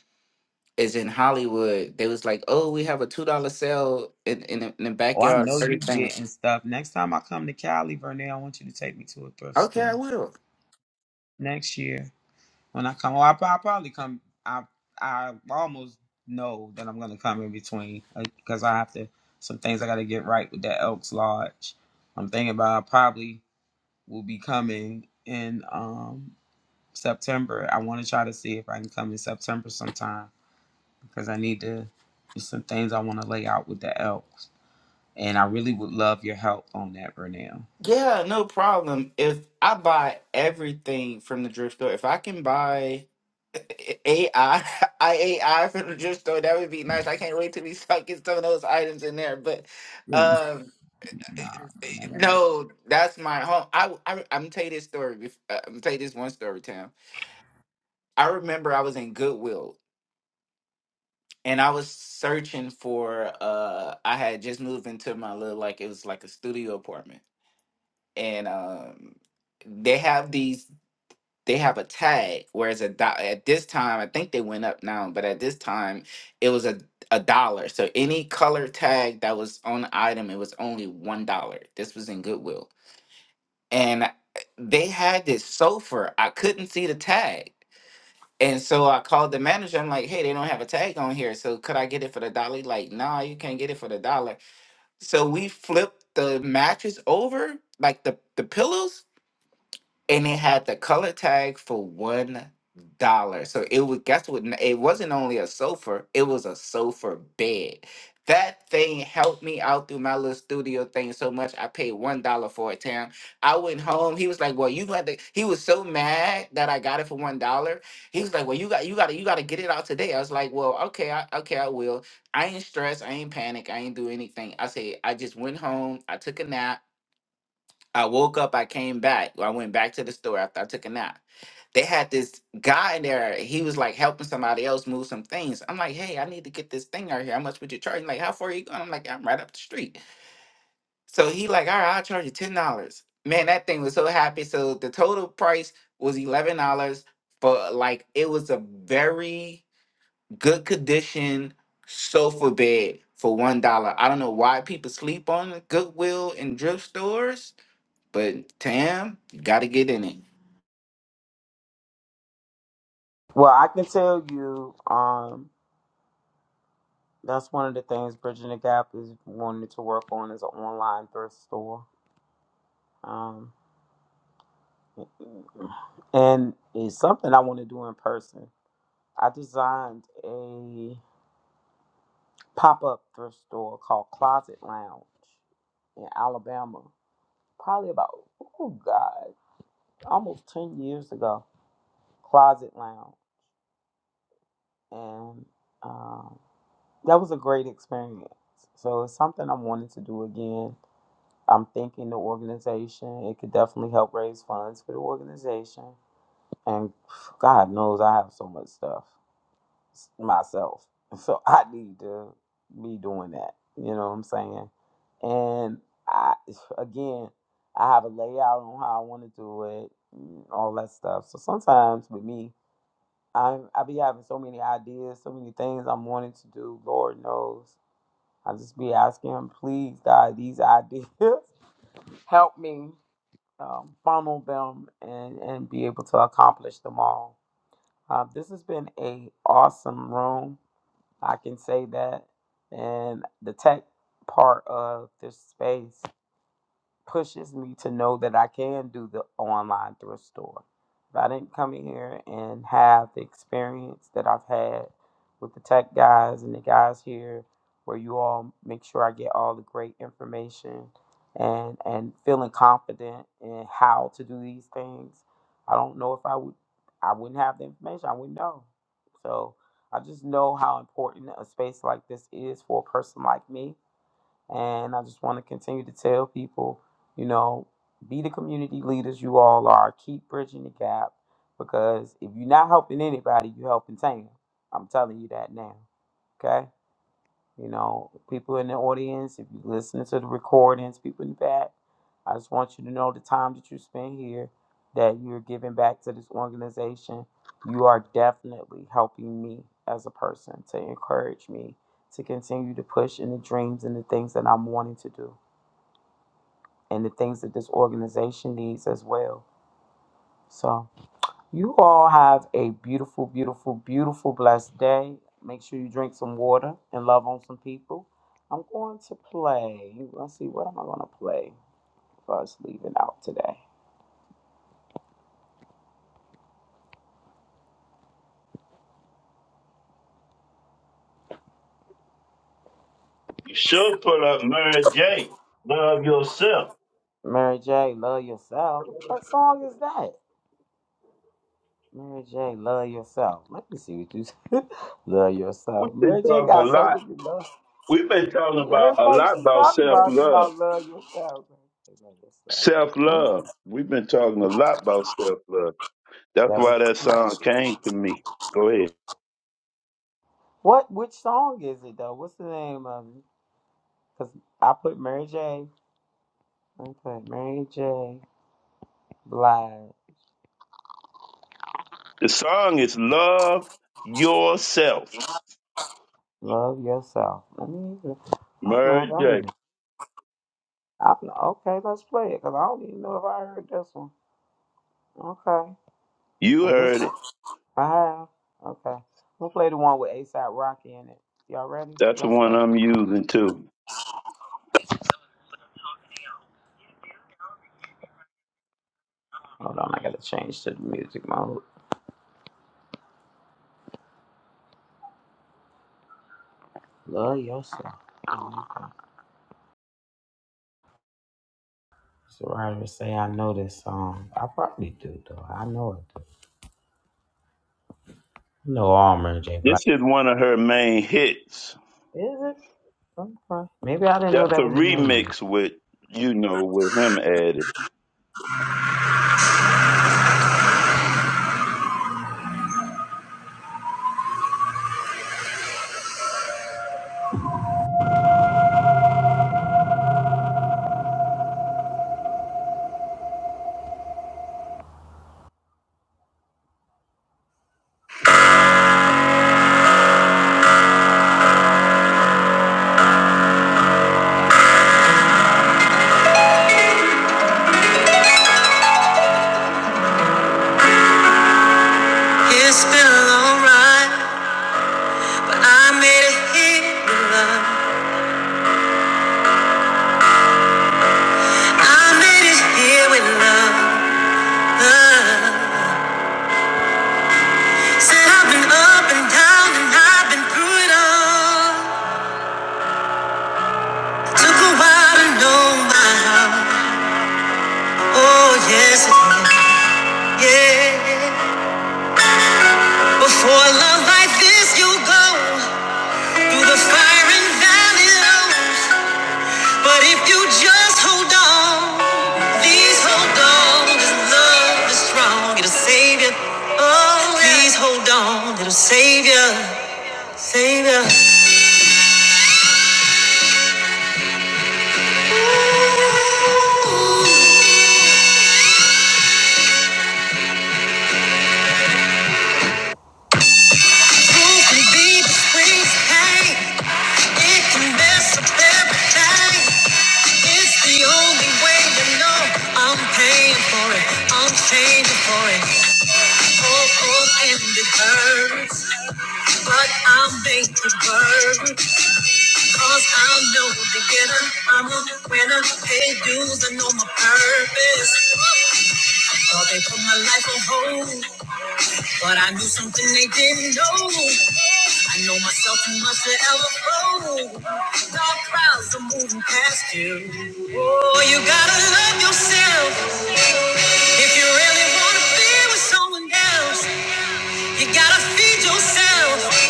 is in Hollywood. They was like, "Oh, we have a two dollar sale in, in the- in the
Oh, I
backyard,
know you
everything."
getting stuff. Next time I come to Cali, Vernell, I want you to take me to a thrift
Okay, I
store
will.
next year when I come. Oh, I, I probably come. I I almost know that I'm gonna come in between because I have to some things I got to get right with that Elks Lodge. I'm thinking about I probably will be coming in um September. I want to try to see if I can come in September sometime because I need to. There's some things I want to lay out with the elks, and I really would love your help on that, Vernell.
Yeah, no problem. If I buy everything from the thrift store, if I can buy AI, IAI from the thrift store, that would be nice. I can't wait till we start getting some of those items in there. But
Mm.
um,
Nah, man, I don't get-
no, that's my home. I, I I'm tell you this story. bef- uh, I'm tell you this one story, Tam. I remember I was in Goodwill and I was searching for. Uh, I had just moved into my little like it was like a studio apartment and um they have these they have a tag whereas a do- at this time i think they went up now but at this time it was a, a dollar so any color tag that was on the item it was only one dollar this was in goodwill and uh, they had this sofa i couldn't see the tag and so I called the manager. I'm like, hey, they don't have a tag on here. So could I get it for the dollar? He Like, nah, you can't get it for the dollar. So we flipped the mattress over, like the, the pillows, and it had the color tag for one dollar. So it was guess what? n- It wasn't only a sofa; it was a sofa bed. That thing helped me out through my little studio thing so much. I paid one dollar for it, Tam. I went home. He was like, "Well, you got to." He was so mad that I got it for one dollar. He was like, "Well, you got, you got to, you got to get it out today." I was like, "Well, okay, I, okay, I will. I ain't stressed. I ain't panic. I ain't do anything." I said, "I just went home. I took a nap. I woke up, I came back. I went back to the store after I took a nap. They had this guy in there. He was like helping somebody else move some things. I'm like, hey, I need to get this thing out here. How much would you charge? He's Like, how far are you going? I'm like, I'm right up the street. So he like, all right, I'll charge you ten dollars. Man, that thing was so happy. So the total price was eleven dollars for like it was a very good condition sofa bed for one dollar. I don't know why people sleep on Goodwill and thrift stores but Tam, you gotta get in it.
Well, I can tell you, um, that's one of the things Bridging the Gap is wanting to work on is an online thrift store. Um, and it's something I want to do in person. I designed a pop up thrift store called Closet Lounge in Alabama, probably about, oh God. almost 10 years ago, Closet Lounge. And um, that was a great experience. So it's something I'm wanting to do again. I'm thinking the organization, it could definitely help raise funds for the organization. And God knows I have so much stuff myself. So I need to be doing that. You know what I'm saying? And I, again, I have a layout on how I want to do it, and all that stuff. So sometimes with me, I'm I be having so many ideas, so many things I'm wanting to do. Lord knows. I just be asking him, please, God, these ideas help me um, funnel them and and be able to accomplish them all. Uh, this has been a awesome room. I can say that, and the tech part of this space pushes me to know that I can do the online thrift store. If I didn't come in here and have the experience that I've had with the tech guys and the guys here, where you all make sure I get all the great information and and feeling confident in how to do these things, I don't know if I would I wouldn't have the information. I wouldn't know. So I just know how important a space like this is for a person like me and I just want to continue to tell people, you know, be the community leaders you all are. Keep bridging the gap because if you're not helping anybody, you're helping Tam. I'm telling you that now. okay? You know, people in the audience, if you listen to the recordings, people in the back, I just want you to know the time that you spend here, that you're giving back to this organization. You are definitely helping me as a person to encourage me to continue to push in the dreams and the things that I'm wanting to do and the things that this organization needs as well. So. You all have a beautiful, beautiful, beautiful, blessed day. Make sure you drink some water and love on some people. I'm going to play. Let's see, what am I going to play for us leaving out today?
You should pull up Mary J. Love yourself.
Mary J, love yourself. What song is that? Mary J, love yourself. Let me see what you love yourself.
We've been
Mary J
talking a
got so
lot.
many love.
We've been talking
She,
about a
everything
lot
she
about
talking
self
about is
love
about love yourself. Love yourself.
Self
Let me see.
love. We've been talking a lot about self love. That's why that song came to me. Go ahead.
What? Which song is it though? What's the name of it? Cause I put Mary J. I put Mary J. Blige.
The song is Love Yourself.
Love yourself. I mean, even- I don't know if
Murray
I
J.
even. I don't, know. okay, let's play it. Cause I don't even know if I heard this one. Okay,
You
and this
heard
one
it.
I have. Okay, we'll play the one with ASAP Rocky in it. Y'all ready?
That's the
Let's
one
go.
I'm using too.
Hold on, I gotta change to the music mode. Love yourself. Okay. So writers say I know this song. I probably do though. I know it. I know all Mary J. Blige.
This is one of her main hits.
Is it? Okay. Maybe I didn't know
That's a
that was the name of it.
remix with, you know, with him added.
It's been a long ride, but I made it here with love. I made it here with love. Said I've been up and down and I've been through it all. Took a while to know my heart. Oh yes, it did. yeah. Before love like this, you go through the fire and valley low. But if you just hold on, please hold on, 'cause love is strong, it'll save you. Oh, yeah. please hold on, it'll save you, save you. Proof can be between pain, it can mess up everything. It's the only way to know I'm paying for it, I'm changing for it. Oh, oh, and it hurts. But I'm baked to burn, cause I know the beginner. I'm a winner, pay dues, I know my purpose. Thought they put my life on hold, but I knew something they didn't know. I know myself too much to ever fold. Dark clouds are moving past you. Oh, you gotta love yourself if you really wanna be with someone else. You gotta feed yourself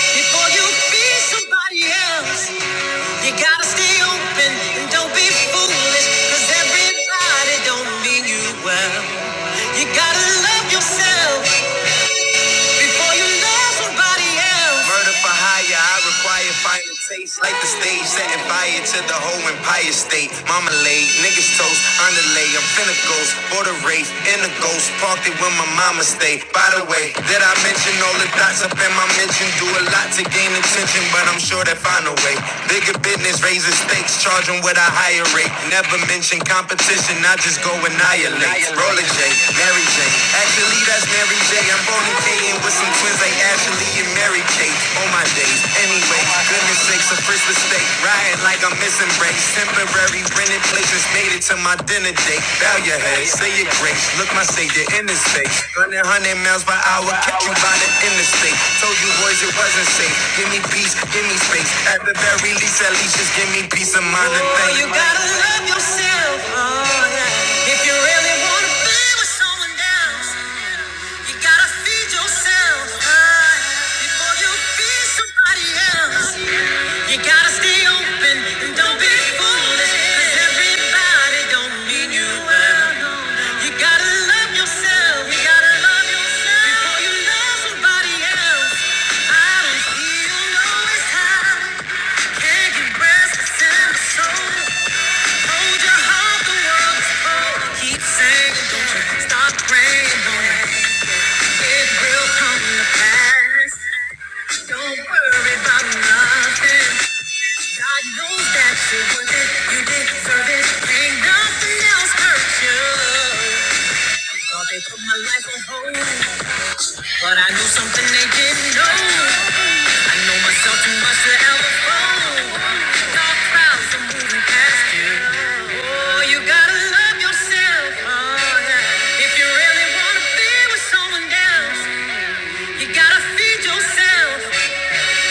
before you feed somebody else. You gotta stay open and don't be foolish, cause everybody don't mean you well. You gotta love yourself before you love somebody else. Murder for hire, I require final taste. Like the stage, setting fire to the whole empire state. Mama laid, niggas toast, underlay. I'm finna ghost, border race, in the ghost. Parked it where my mama stay. By the way, did I mention all the dots up in my mention? Do a lot to gain attention, but I'm sure they find a way. Bigger business, raising stakes, charging with a higher rate. Never mention competition, I just go annihilate. Roller J, Mary J. Actually, that's Mary J. Jay. I'm Boney K and with some twins like Ashley and Mary Kate. On my days, anyway. Goodness sakes, a first mistake. Riding like I'm missing breaks. Temporary rented places made it to my dinner date. Bow your head, say your grace. Look my savior in his face. Running hundred miles per hour, catch you by the interstate. Told you boys it wasn't safe. Give me peace, give me space. At the very least, at least just give me peace of mind and faith. You gotta love yourself. Oh, yeah. If you really wanna be with someone else. You gotta feed yourself before you feed somebody else. You gotta stay open and don't be foolish. 'cause everybody don't mean you well. You gotta love yourself. You gotta love yourself before you love somebody else. I don't feel always high. Can you rest what's in my soul? Hold your heart, the world cold. Keep saying, don't you stop praying, boy. It will come to pass. Don't worry nothing. God knows that you're worth it. You deserve it. Ain't nothing else hurt you. Thought they put my life on hold, but I knew something they didn't know. I know myself too much to ever fall. Dark clouds are moving past you. Oh, you gotta love yourself. Oh, yeah. If you really wanna be with someone else. You gotta feed yourself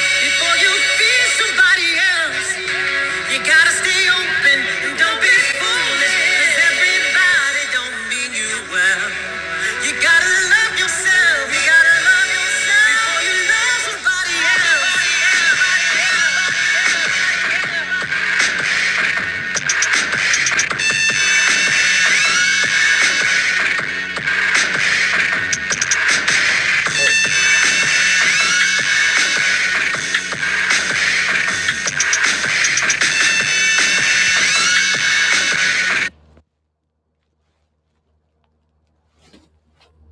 before you feed somebody else. You gotta stay open and don't be foolish. 'cause everybody don't mean you well. You gotta love yourself. You gotta love yourself before you love somebody else.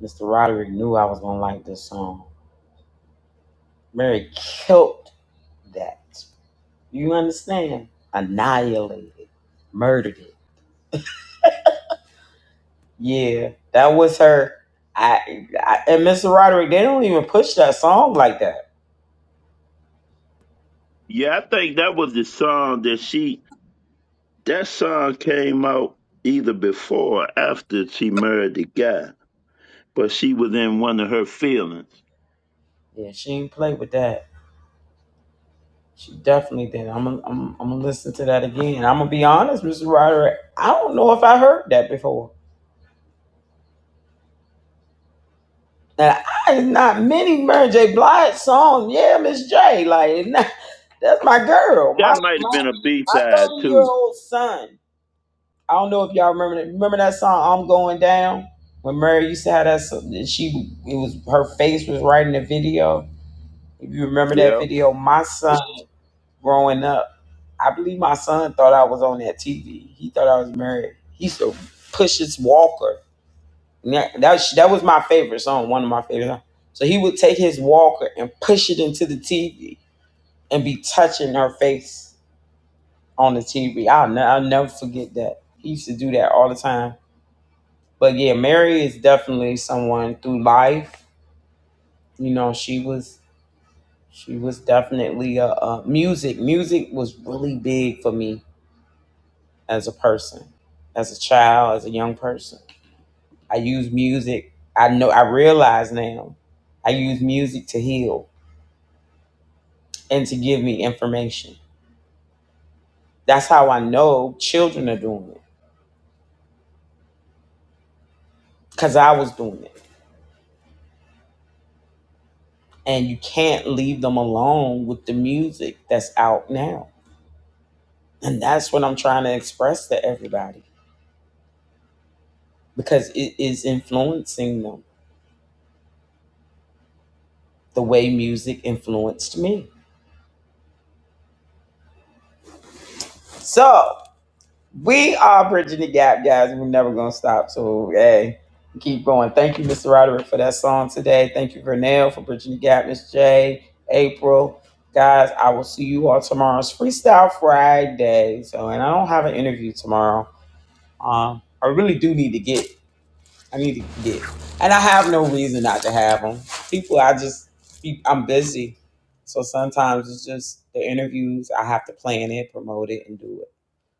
Mr. Roderick knew I was gonna like this song. Mary killed that. You understand? Annihilated, murdered it. Yeah, that was her. I, I and Mr. Roderick, they don't even push that song like that.
Yeah, I think that was the song that she, that song came out either before or after she married the guy, but she was in one of her feelings.
Yeah, she ain't played with that. She definitely did. I'm gonna I'm, I'm gonna listen to that again. I'm gonna be honest, Mr. Roderick. I don't know if I heard that before. And I not many Mary J. Blige song. Yeah, Miss J. Like that's my girl. My
That might
my
have been a B
my
side
thirty year
too.
old son. I don't know if y'all remember that. Remember that song "I'm Going Down" when Mary used to have that. so- that She it was her face was right in the video. If you remember that
Yeah.
video, my son growing up, I believe my son thought I was on that TV. He thought I was married. He used to push his walker. And That that was, that was my favorite song. One of my favorite. Songs. So he would take his walker and push it into the TV and be touching her face on the TV. I'll, ne- I'll never forget that. He used to do that all the time but yeah, Mary is definitely someone through life. You know, she was she was definitely a, a music. Music was really big for me as a person, as a child, as a young person. I use music. I know. I realize now. I use music to heal and to give me information. That's how I know children are doing it because I was doing it. And you can't leave them alone with the music that's out now And that's what I'm trying to express to everybody because it is influencing them the way music influenced me. So we are bridging the gap, guys. We're never going to stop. So, hey, keep going. Thank you, Mr. Roderick, for that song today. Thank you, Vernell, for bridging the gap, Miss J, April. Guys, I will see you all tomorrow. It's Freestyle Friday. So, and I don't have an interview tomorrow. Um, I really do need to get I need to get, and I have no reason not to have them. People, I just, I'm busy, so sometimes it's just the interviews. I have to plan it, promote it, and do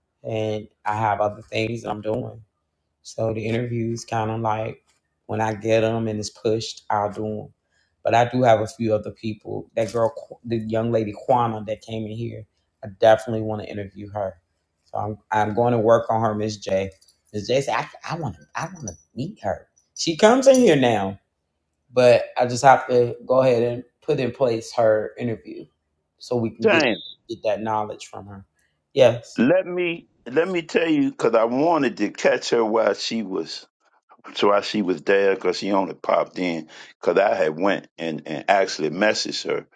it. And I have other things I'm doing. So the interviews kind of like when I get them and it's pushed, I'll do them. But I do have a few other people. That girl, Qu- the young lady Kwana that came in here, I definitely want to interview her. So I'm I'm going to work on her, Miss J. Miss J said I I want to I want to meet her. She comes in here now, but I just have to go ahead and put in place her interview so we can get
Damn.
get that knowledge from her. Yes.
Let me let me tell you because I wanted to catch her while she was so while she was there because she only popped in because I had went and and actually messaged her.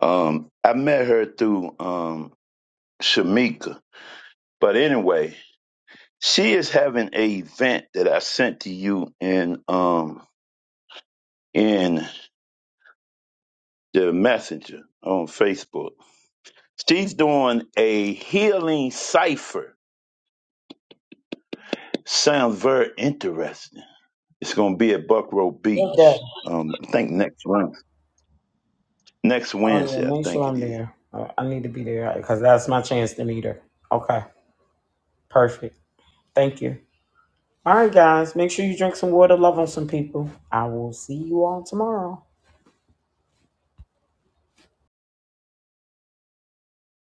Um, I met her through um Shamika, but anyway, she is having a event that I sent to you in um in the messenger on Facebook. She's doing a healing cipher Sounds very interesting. It's going to be at Buckrow Beach. Um, I think next Wednesday. Next
Oh
Wednesday, I
yeah, make sure
think it
I'm
is.
there. I I need to be there because that's my chance to meet her. Okay, perfect. Thank you. All right, guys, make sure you drink some water, love on some people. I will see you all tomorrow.